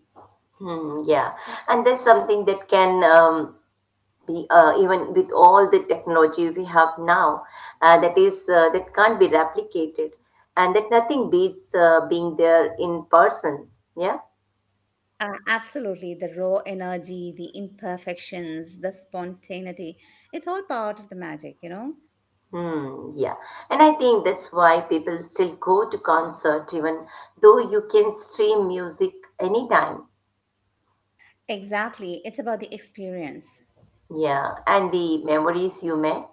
Speaker 2: Hmm, yeah, and that's something that can be even with all the technology we have now, that can't be replicated, and that nothing beats being there in person. Yeah.
Speaker 1: Absolutely. The raw energy, the imperfections, the spontaneity. It's all part of the magic, you know?
Speaker 2: Hmm, yeah. And I think that's why people still go to concert even though you can stream music anytime.
Speaker 1: Exactly. It's about the experience.
Speaker 2: Yeah. And the memories you make.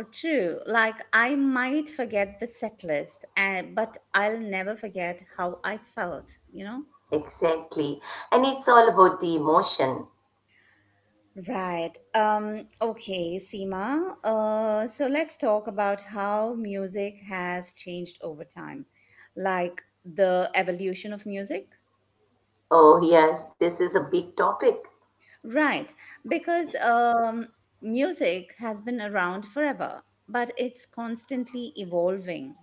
Speaker 1: True. Like, I might forget the set list, but I'll never forget how I felt, you know?
Speaker 2: Exactly. And it's all about the emotion.
Speaker 1: Right. Okay, Seema. So let's talk about how music has changed over time, like the evolution of music.
Speaker 2: Oh, yes, this is a big topic.
Speaker 1: Right. Because music has been around forever, but it's constantly evolving.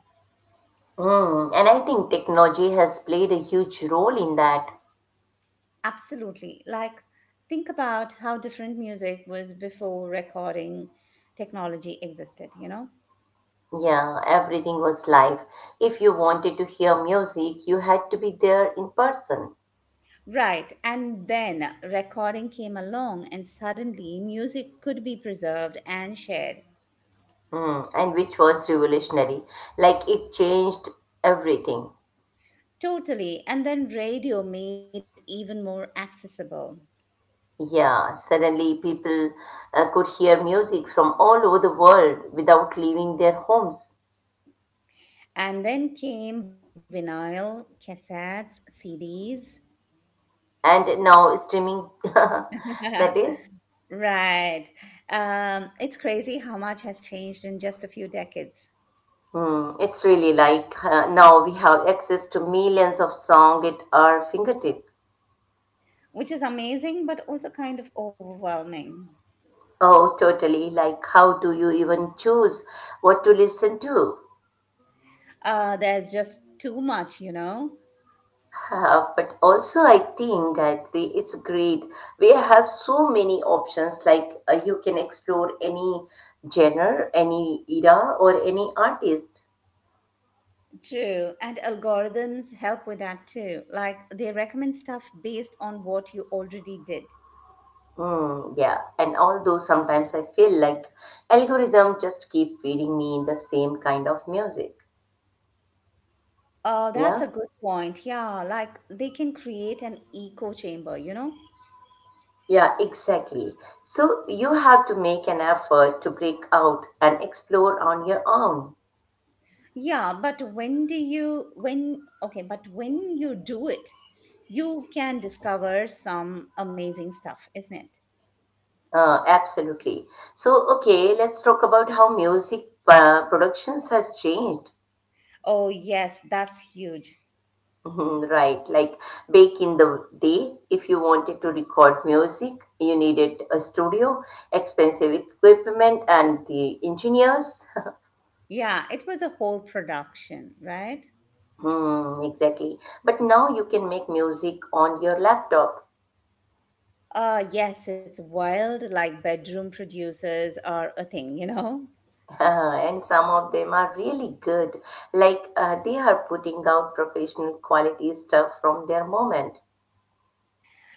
Speaker 2: Mm, and I think technology has played a huge role in that.
Speaker 1: Absolutely. Like, think about how different music was before recording technology existed, you know?
Speaker 2: Yeah, everything was live. If you wanted to hear music, you had to be there in person.
Speaker 1: Right, and then recording came along, and suddenly music could be preserved and shared.
Speaker 2: Mm, and which was revolutionary. Like it changed everything.
Speaker 1: Totally, and then radio made it even more accessible.
Speaker 2: Yeah, suddenly people could hear music from all over the world without leaving their homes.
Speaker 1: And then came vinyl, cassettes, CDs.
Speaker 2: And now streaming, *laughs* that
Speaker 1: *laughs*
Speaker 2: is,
Speaker 1: Right. It's crazy how much has changed in just a few decades,
Speaker 2: hmm, it's really like now we have access to millions of songs at our fingertips.
Speaker 1: which is amazing, but also kind of overwhelming.
Speaker 2: Oh, totally. Like, how do you even choose what to listen to?
Speaker 1: There's just too much, you know?
Speaker 2: But also I think that we, it's great. We have so many options. Like you can explore any genre, any era, or any artist.
Speaker 1: True, and algorithms help with that too. Like they recommend stuff based on what you already did.
Speaker 2: Mm, yeah, and although sometimes I feel like algorithm just keep feeding me the same kind of music.
Speaker 1: Oh, that's a
Speaker 2: Yeah,
Speaker 1: good point. Yeah, like they can create an echo chamber, you know?
Speaker 2: yeah, exactly. So you have to make an effort to break out and explore on your own.
Speaker 1: Yeah, but when do you, when, okay, but when you do it, you can discover some amazing stuff, isn't it?
Speaker 2: Absolutely. So, okay, let's talk about how music productions has changed.
Speaker 1: Oh, yes, that's huge.
Speaker 2: Mhm. Right, like back in the day, if you wanted to record music, you needed a studio, expensive equipment, and the engineers. *laughs*
Speaker 1: Yeah, it was a whole production, right?
Speaker 2: Mm, exactly. But now you can make music on your laptop.
Speaker 1: Yes, it's wild. Like bedroom producers are a thing, you know?
Speaker 2: *laughs* And some of them are really good. Like they are putting out professional quality stuff from their moment.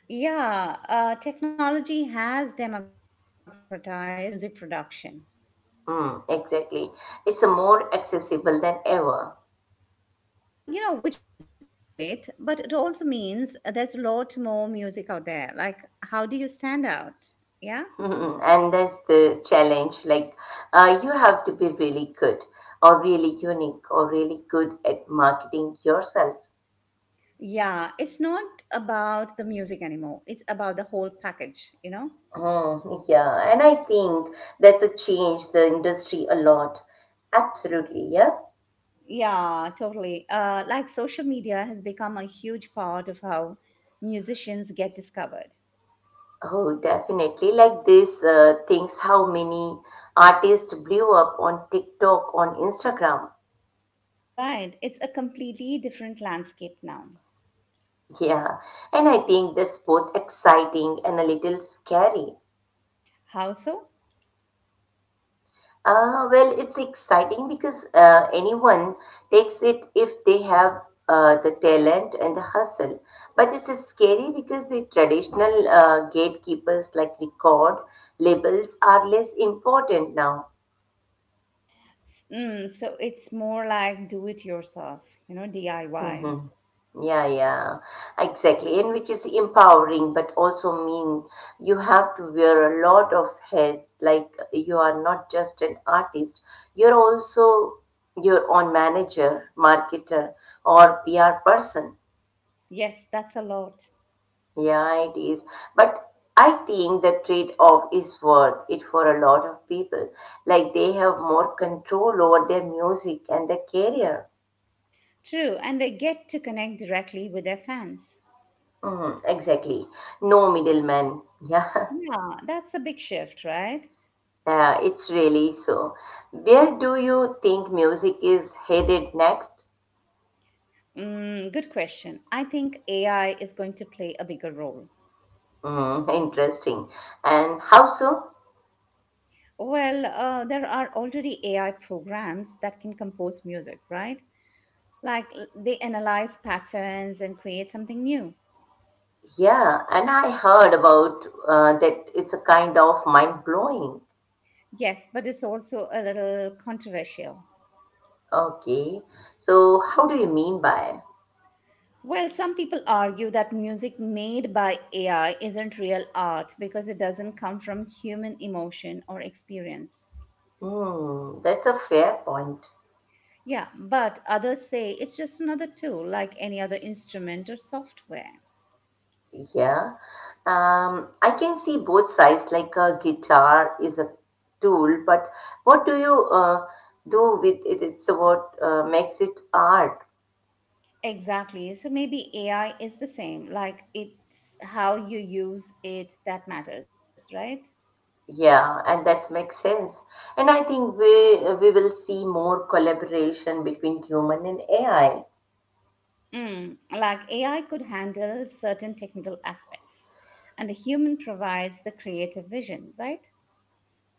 Speaker 1: Yeah, technology has democratized music production,
Speaker 2: Mm, exactly. It's a more accessible than ever.
Speaker 1: you know, which is great, but it also means there's a lot more music out there. Like, how do you stand out? Yeah?
Speaker 2: *laughs* And that's the challenge. Like, you have to be really good or really unique or really good at marketing yourself.
Speaker 1: Yeah, it's not about the music anymore, it's about the whole package, you know?
Speaker 2: Mm, yeah. And I think that's a change the industry a lot. Absolutely. Yeah.
Speaker 1: Yeah, totally. Like, social media has become a huge part of how musicians get discovered.
Speaker 2: Oh, definitely. Like this things how many artists blew up on TikTok, on Instagram.
Speaker 1: Right, it's a completely different landscape now.
Speaker 2: Yeah, and I think that's both exciting and a little scary.
Speaker 1: How so?
Speaker 2: Well, it's exciting because anyone takes it if they have the talent and the hustle. But it's scary because the traditional gatekeepers like record labels are less important now.
Speaker 1: So it's more like do it yourself, you know, DIY.
Speaker 2: Hmm. Yeah, yeah, exactly. And which is empowering, but also mean you have to wear a lot of hats. Like you are not just an artist, you're also your own manager, marketer, or PR person.
Speaker 1: Yes, that's a lot.
Speaker 2: Yeah, it is. But I think the trade-off is worth it for a lot of people. Like they have more control over their music and their career.
Speaker 1: True, and they get to connect directly with their fans.
Speaker 2: Mm, exactly. No middleman. Yeah. *laughs*
Speaker 1: Yeah, that's a big shift, right?
Speaker 2: Yeah, it's really so. Where do you think music is headed next?
Speaker 1: Mm, good question. I think AI is going to play a bigger role.
Speaker 2: Mm, interesting. And how so?
Speaker 1: Well, there are already AI programs that can compose music, right? Like they analyze patterns and create something new.
Speaker 2: Yeah, and I heard about that it's a kind of mind blowing.
Speaker 1: Yes, but it's also a little controversial.
Speaker 2: Okay, so how do you mean by?
Speaker 1: Well, some people argue that music made by AI isn't real art because it doesn't come from human emotion or experience.
Speaker 2: Hmm, that's a fair point.
Speaker 1: Yeah, but others say it's just another tool like any other instrument or software.
Speaker 2: Yeah, I can see both sides. Like a guitar is a tool, but what do you do with it? It's what makes it art.
Speaker 1: Exactly. So maybe AI is the same, like it's how you use it that matters, right?
Speaker 2: Yeah, and that makes sense. And I think we will see more collaboration between human and AI.
Speaker 1: Mm, like AI could handle certain technical aspects, and the human provides the creative vision, right?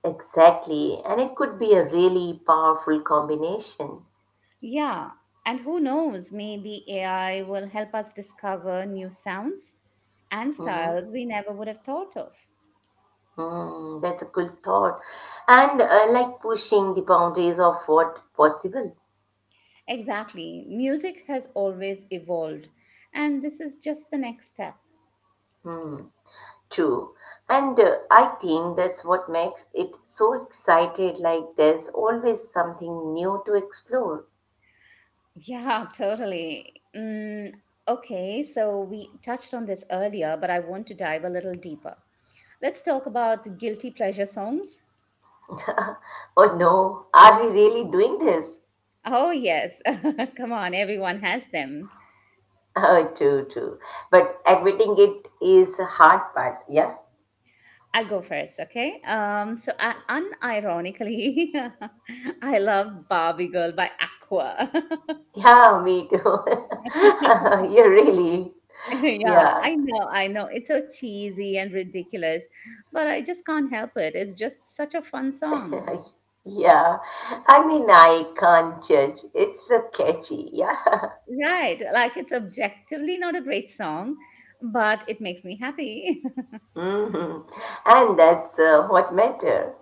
Speaker 2: Exactly, and it could be a really powerful combination.
Speaker 1: Yeah. And who knows, maybe AI will help us discover new sounds and
Speaker 2: Mm-hmm.
Speaker 1: styles we never would have thought of.
Speaker 2: Mm, that's a cool thought, and like pushing the boundaries of what possible.
Speaker 1: Exactly. Music has always evolved, and this is just the next step.
Speaker 2: Hmm. True, and I think that's what makes it so excited. Like there's always something new to explore.
Speaker 1: Yeah, *laughs* totally. Okay, so we touched on this earlier, but I want to dive a little deeper. Let's talk about guilty pleasure songs.
Speaker 2: *laughs* Oh no, are we really doing this?
Speaker 1: Oh, yes. *laughs* Come on, everyone has them.
Speaker 2: *laughs* Oh, true, true. But admitting it is a hard part. Yeah. *laughs*
Speaker 1: I'll go first, okay? I, unironically, *laughs* I love Barbie Girl by Aqua.
Speaker 2: Yeah, me too.
Speaker 1: *laughs* yeah,
Speaker 2: *laughs* You really. Yeah.
Speaker 1: I know, I know. It's so cheesy and ridiculous, but I just can't help it. It's just such a fun song.
Speaker 2: *laughs* Yeah. I mean, I can't judge. It's a catchy. Yeah.
Speaker 1: Right. Like, it's objectively not a great song, but it makes me happy. *laughs*
Speaker 2: *laughs* Hmm. And that's what matter.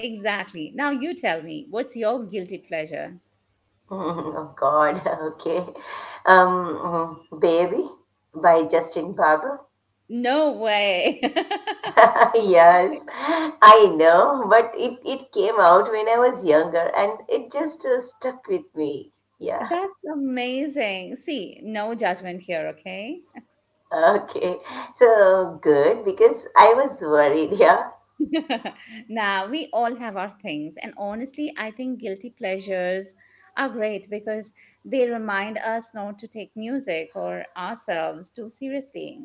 Speaker 1: Exactly. Now you tell me, what's your guilty pleasure?
Speaker 2: *laughs* Mhm. Oh, God. *laughs* Okay. Mm-hmm. Baby by Justin Bieber.
Speaker 1: No way.
Speaker 2: *laughs* Yes,
Speaker 1: *laughs*
Speaker 2: I know, but it came out when I was younger and it just stuck with me. Yeah,
Speaker 1: That's amazing. See, no judgment here, okay?
Speaker 2: *laughs* okay. So good because I was worried. *laughs* Yeah,
Speaker 1: *laughs* Now, we all have our things, and honestly, I think guilty pleasures are great because they remind us not to take music or ourselves too seriously.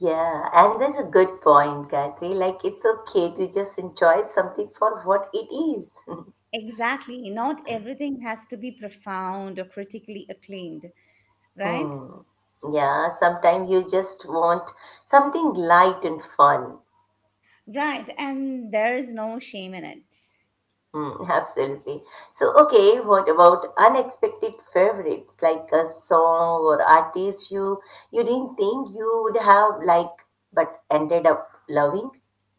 Speaker 2: yeah, and that's a good point, Gayatri. Like, it's okay to just enjoy something for what it is. *laughs*
Speaker 1: Exactly. Not everything has to be profound or critically acclaimed, right?
Speaker 2: Hmm. Yeah, sometimes you just want something light and fun.
Speaker 1: Right. And there's no shame in it.
Speaker 2: Mm, *laughs* absolutely. So, okay, what about unexpected favorites like a song or artist you didn't think you would have like but ended up loving?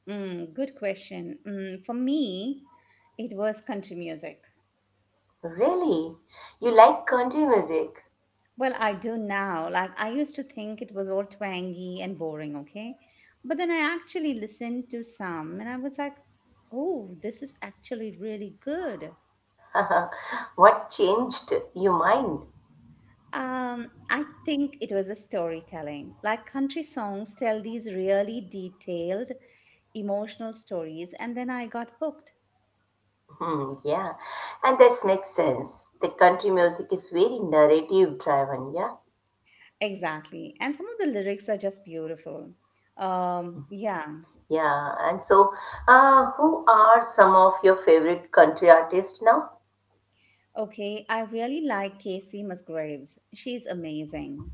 Speaker 1: Mm, good question. For me, it was country music.
Speaker 2: Really? You like country music?
Speaker 1: Well, I do now. Like, I used to think it was all twangy and boring, okay? But then I actually listened to some and I was like, oh, this is actually really good.
Speaker 2: *laughs* What changed your mind?
Speaker 1: I think it was a storytelling. Like, country songs tell these really detailed emotional stories, and then I got hooked.
Speaker 2: Hmm, yeah, and this makes sense. The country music is very narrative driven, yeah?
Speaker 1: Exactly. And some of the lyrics are just beautiful. Um, yeah.
Speaker 2: Yeah, and so who are some of your favorite country artists now?
Speaker 1: Okay, I really like Casey Musgraves. She's amazing.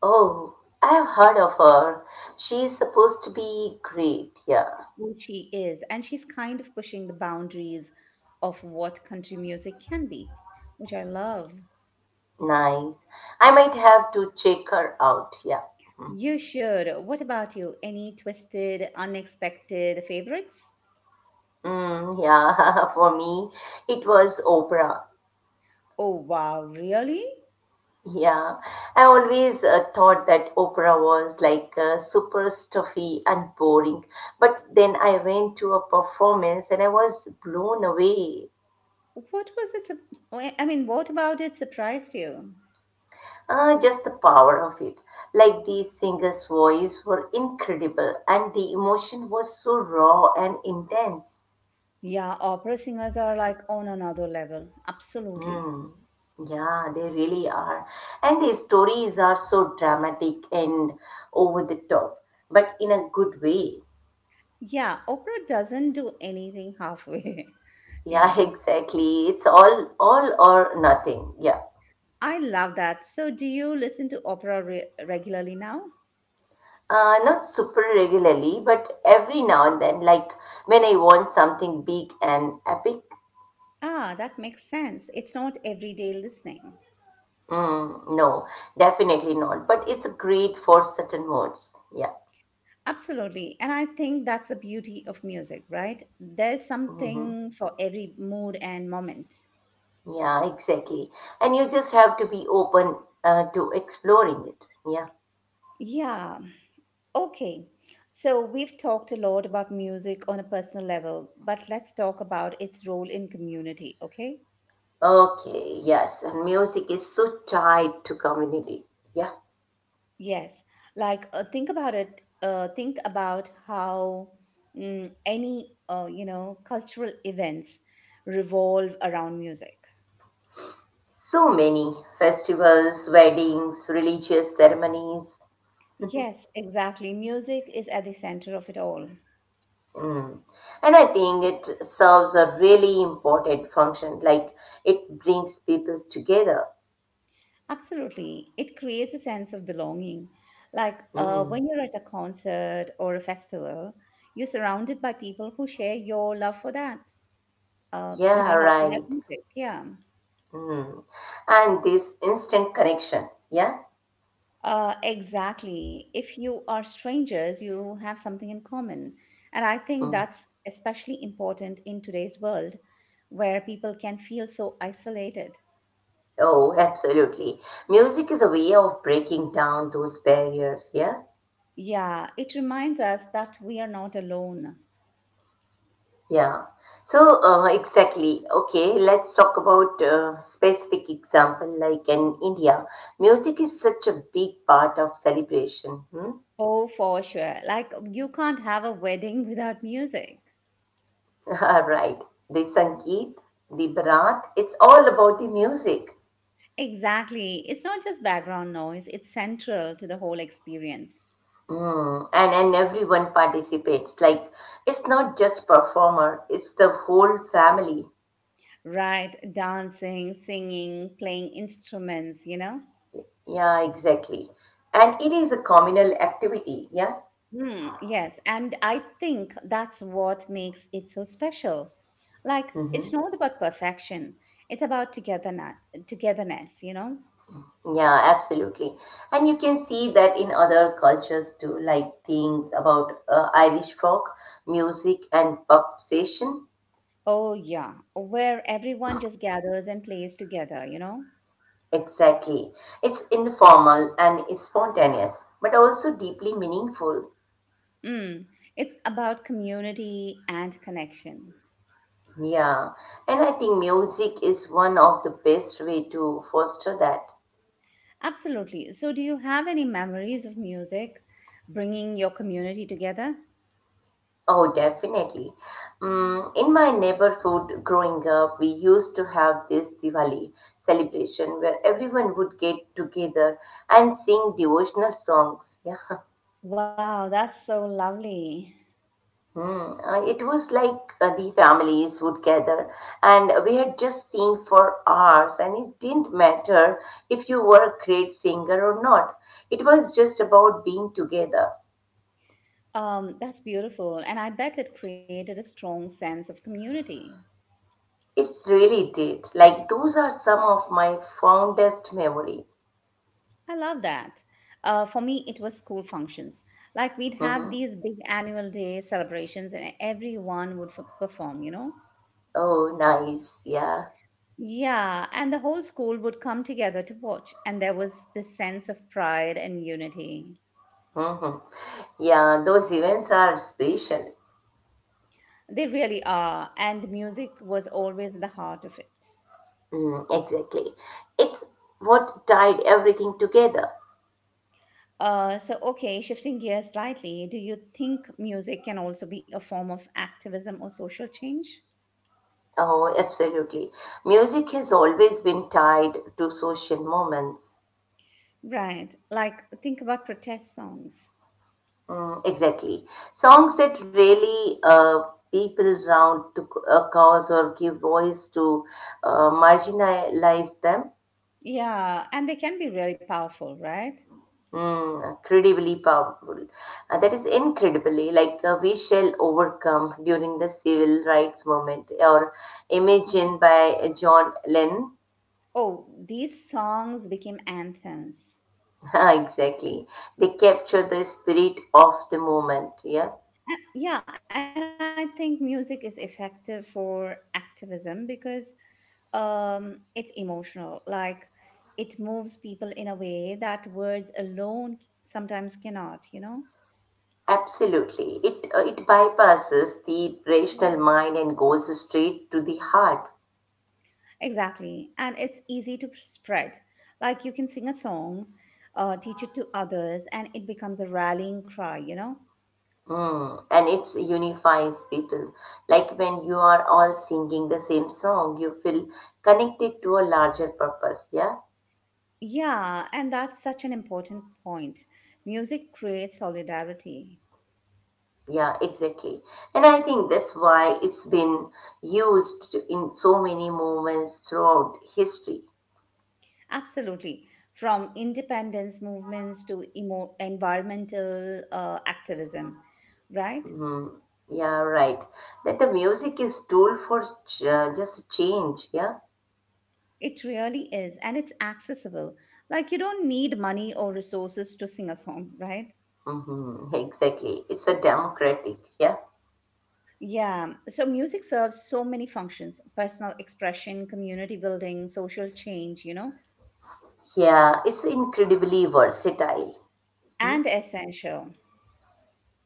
Speaker 2: Oh, I have heard of her. She's supposed to be great. Yeah,
Speaker 1: Well, she is, and she's kind of pushing the boundaries of what country music can be, which I love.
Speaker 2: nice. I might have to check her out. Yeah.
Speaker 1: You should. What about you? Any twisted, unexpected favorites?
Speaker 2: Mm, yeah, *laughs* for me, it was Oprah.
Speaker 1: Oh, wow, really?
Speaker 2: Yeah, I always thought that Oprah was like super stuffy and boring. But then I went to a performance and I was blown away.
Speaker 1: What was it? I mean, what about it surprised you?
Speaker 2: Ah, just the power of it. Like the singer's voice were incredible and the emotion was so raw and intense.
Speaker 1: Yeah, opera singers are like on another level. Absolutely.
Speaker 2: Hmm. Yeah, they really are. And the stories are so dramatic and over the top, but in a good way.
Speaker 1: Yeah, opera doesn't do anything halfway. *laughs*
Speaker 2: Yeah, *laughs*
Speaker 1: Yeah.
Speaker 2: exactly. It's all or nothing. Yeah.
Speaker 1: I love that. So, do you listen to opera regularly now?
Speaker 2: Not super regularly, but every now and then, like when I want something big and epic,
Speaker 1: Ah, that makes sense. It's not everyday listening.
Speaker 2: Mm, no, definitely not. But it's great for certain moods. Yeah.
Speaker 1: Absolutely. And I think that's the beauty of music, right? There's
Speaker 2: Hmm.
Speaker 1: something for every mood and moment.
Speaker 2: Yeah, exactly. And you just have to be open to exploring it. Yeah.
Speaker 1: Yeah. Okay. So, we've talked a lot about music on a personal level, but let's talk about its role in community, okay?
Speaker 2: Okay, yes. And music is so tied to community. Yeah.
Speaker 1: Yes, like think about it. Think about how any cultural events revolve around music.
Speaker 2: So many festivals, weddings, religious ceremonies.
Speaker 1: Yes, exactly. Music is at the center of it all.
Speaker 2: Mm. And I think it serves a really important function. Like it brings people together.
Speaker 1: Absolutely, it creates a sense of belonging. Like
Speaker 2: Mm.
Speaker 1: when you're at a concert or a festival, you're surrounded by people who share your love for that.
Speaker 2: Yeah,
Speaker 1: Love for that
Speaker 2: right.
Speaker 1: music. Yeah.
Speaker 2: Mm. And this instant connection, yeah?
Speaker 1: Exactly. If you are strangers, you have something in common. And I think
Speaker 2: Mm.
Speaker 1: that's especially important in today's world where people can feel so isolated.
Speaker 2: Oh, absolutely. Music is a way of breaking down those barriers, yeah?
Speaker 1: Yeah, it reminds us that we are not alone.
Speaker 2: Yeah. So, exactly. Okay, let's talk about specific example like in India. Music is such a big part of celebration. Hmm?
Speaker 1: Oh, for sure. Like, you can't have a wedding *laughs* without music.
Speaker 2: *laughs* Right. The Sangeet, the Bharat, it's all about the music.
Speaker 1: Exactly. It's not just background noise, it's central to the whole experience.
Speaker 2: Mm, and everyone participates. Like it's not just performer, it's the whole family.
Speaker 1: Right? Dancing, singing, playing instruments, you know?
Speaker 2: Yeah, exactly. And it is a communal activity. Yeah.
Speaker 1: Mm, yes, and I think that's what makes it so special. Like,
Speaker 2: Mm-hmm.
Speaker 1: it's not about perfection, it's about togetherness, togetherness, you know?
Speaker 2: Yeah, absolutely. And you can see that in other cultures too, like things about Irish folk music and pub session.
Speaker 1: Oh, yeah, where everyone just gathers and plays together, you know?
Speaker 2: Exactly. It's informal and it's spontaneous, but also deeply meaningful.
Speaker 1: Mm, it's about community and connection.
Speaker 2: Yeah, and I think music is one of the best way to foster that.
Speaker 1: Absolutely. So, do you have any memories of music bringing your community together?
Speaker 2: Oh, definitely. Mm, in my neighborhood growing up, we used to have this Diwali celebration where everyone would get together and sing devotional songs. Yeah.
Speaker 1: Wow, that's so lovely.
Speaker 2: Hmm, it was like the families would gather and we had just sing for hours and it didn't matter if you were a great singer or not. It was just about being together.
Speaker 1: That's beautiful. And I bet it created a strong sense of community.
Speaker 2: It really did. Like those are some of my fondest memory.
Speaker 1: I love that. For me, it was school functions. Like we'd have
Speaker 2: Hmm.
Speaker 1: these big annual day celebrations and everyone would perform, you know?
Speaker 2: Oh, nice. Yeah.
Speaker 1: Yeah, and the whole school would come together to watch. And there was this sense of pride and unity.
Speaker 2: Hmm. Yeah, those events are special.
Speaker 1: They really are. And music was always the heart of it.
Speaker 2: Mm, exactly. It's what tied everything together.
Speaker 1: Okay, shifting gears slightly, do you think music can also be a form of activism or social change?
Speaker 2: Oh, absolutely. Music has always been tied to social moments.
Speaker 1: Right. Like, think about protest songs.
Speaker 2: Mm, exactly. Songs that really people round to a cause or give voice to marginalize them.
Speaker 1: Yeah, and they can be really powerful, right?
Speaker 2: Mm, incredibly powerful. That is incredibly like we shall overcome during the civil rights movement or
Speaker 1: Yeah.
Speaker 2: Imagine by John Lennon.
Speaker 1: Oh, these songs became anthems.
Speaker 2: *laughs* Exactly. They capture the spirit of the moment. Yeah,
Speaker 1: Yeah, and I think music is effective for activism because it's emotional. Like, it moves people in a way that words alone sometimes cannot, you know?
Speaker 2: absolutely. It bypasses the rational mind and goes straight to the heart.
Speaker 1: Exactly. And it's easy to spread. Like you can sing a song, teach it to others, and it becomes a rallying cry, you know?
Speaker 2: Mm, and it unifies people. Like when you are all singing the same song, you feel connected to a larger purpose. Yeah,
Speaker 1: Yeah, and that's such an important point. Music creates solidarity.
Speaker 2: yeah, exactly. And I think that's why it's been used in so many moments throughout history.
Speaker 1: Absolutely. From independence movements to environmental activism, right?
Speaker 2: Mm, yeah, right. That the music is tool for just change. Yeah,
Speaker 1: It really is. And it's accessible. Like you don't need money or resources to sing a song, right?
Speaker 2: mm-hmm, exactly. It's a democratic. Yeah,
Speaker 1: Yeah, so music serves so many functions personal expression, community building, social change, you know,
Speaker 2: yeah. It's incredibly versatile. Hmm?
Speaker 1: and essential.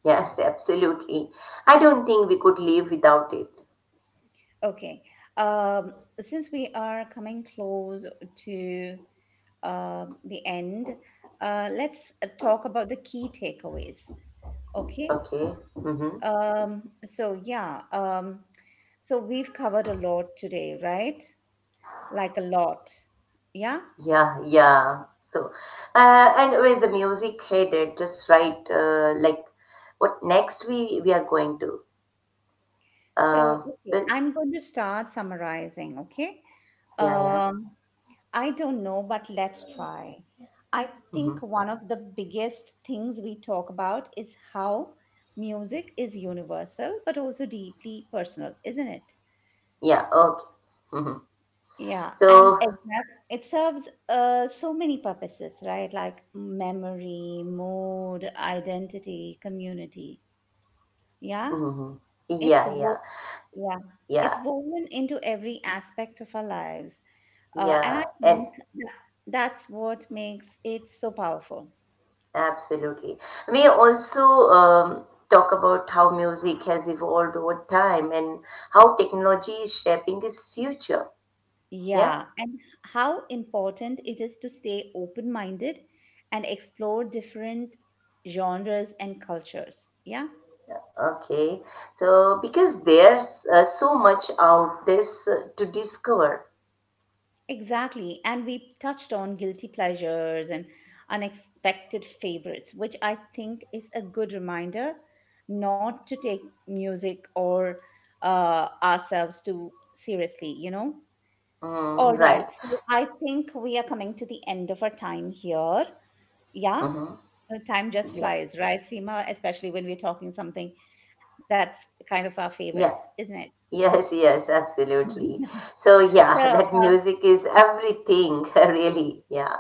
Speaker 2: Yes, absolutely. I don't think we could live without it.
Speaker 1: Okay, um, since we are coming close to the end, let's talk about the key takeaways. Okay,
Speaker 2: Okay. Mm-hmm.
Speaker 1: um, so yeah, um, so we've covered a lot today, right? Like a lot. Yeah.
Speaker 2: Yeah, yeah. So, and with the music headed just right, like what next we are going to.
Speaker 1: So,
Speaker 2: Uh,
Speaker 1: okay,
Speaker 2: well,
Speaker 1: I'm going to start summarizing, okay?
Speaker 2: yeah, yeah.
Speaker 1: Um, I don't know, but let's try. I
Speaker 2: Mm-hmm.
Speaker 1: think one of the biggest things we talk about is how music is universal, but also deeply personal, isn't it?
Speaker 2: Yeah. Okay. Mm-hmm.
Speaker 1: Yeah, and
Speaker 2: So,
Speaker 1: exact, it serves so many purposes, right? Like memory, mood, identity, community. Yeah,
Speaker 2: mm-hmm.
Speaker 1: it's
Speaker 2: Yeah, yeah,
Speaker 1: wo- yeah,
Speaker 2: yeah,
Speaker 1: it's woven into every aspect of our lives. And I
Speaker 2: yeah, and
Speaker 1: think that that's what makes it so powerful.
Speaker 2: absolutely. We also um, talk about how music has evolved over time and how technology is shaping its future. Yeah.
Speaker 1: Yeah, and how important it is to stay open minded and explore different genres and cultures. Yeah,
Speaker 2: Okay. So because there's so much out this to discover.
Speaker 1: exactly. And we touched on guilty pleasures and unexpected favorites, which I think is a good reminder not to take music or ourselves too seriously, you know? All
Speaker 2: Mm,
Speaker 1: right.
Speaker 2: right.
Speaker 1: So I think we are coming to the end of our time here. Yeah,
Speaker 2: Mm-hmm.
Speaker 1: time just
Speaker 2: Yeah.
Speaker 1: flies, right, Seema? Especially when we're talking something that's kind of our favorite,
Speaker 2: Yeah.
Speaker 1: isn't it?
Speaker 2: Yes, yes,
Speaker 1: *laughs*
Speaker 2: absolutely. So
Speaker 1: so
Speaker 2: yeah, *laughs* that music is everything, *laughs* really. Yeah.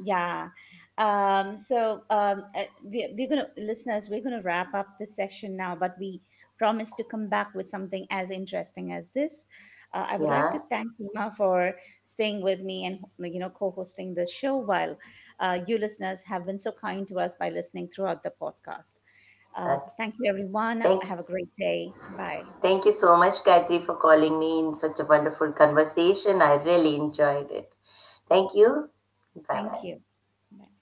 Speaker 1: Yeah. We're going to, listeners, we're going to wrap up this section now, but we promise to come back with something as interesting as this. I would like to
Speaker 2: Yeah.
Speaker 1: thank Seema for staying with me and, you know, co-hosting the show while you listeners have been so kind to us by listening throughout the podcast.
Speaker 2: Okay.
Speaker 1: Thank you, everyone.
Speaker 2: Thank you.
Speaker 1: Have a great day. Bye.
Speaker 2: Thank you so much, Gayatri, for calling me in such a wonderful conversation. I really enjoyed it. Thank you. Bye bye.
Speaker 1: Thank you. Bye.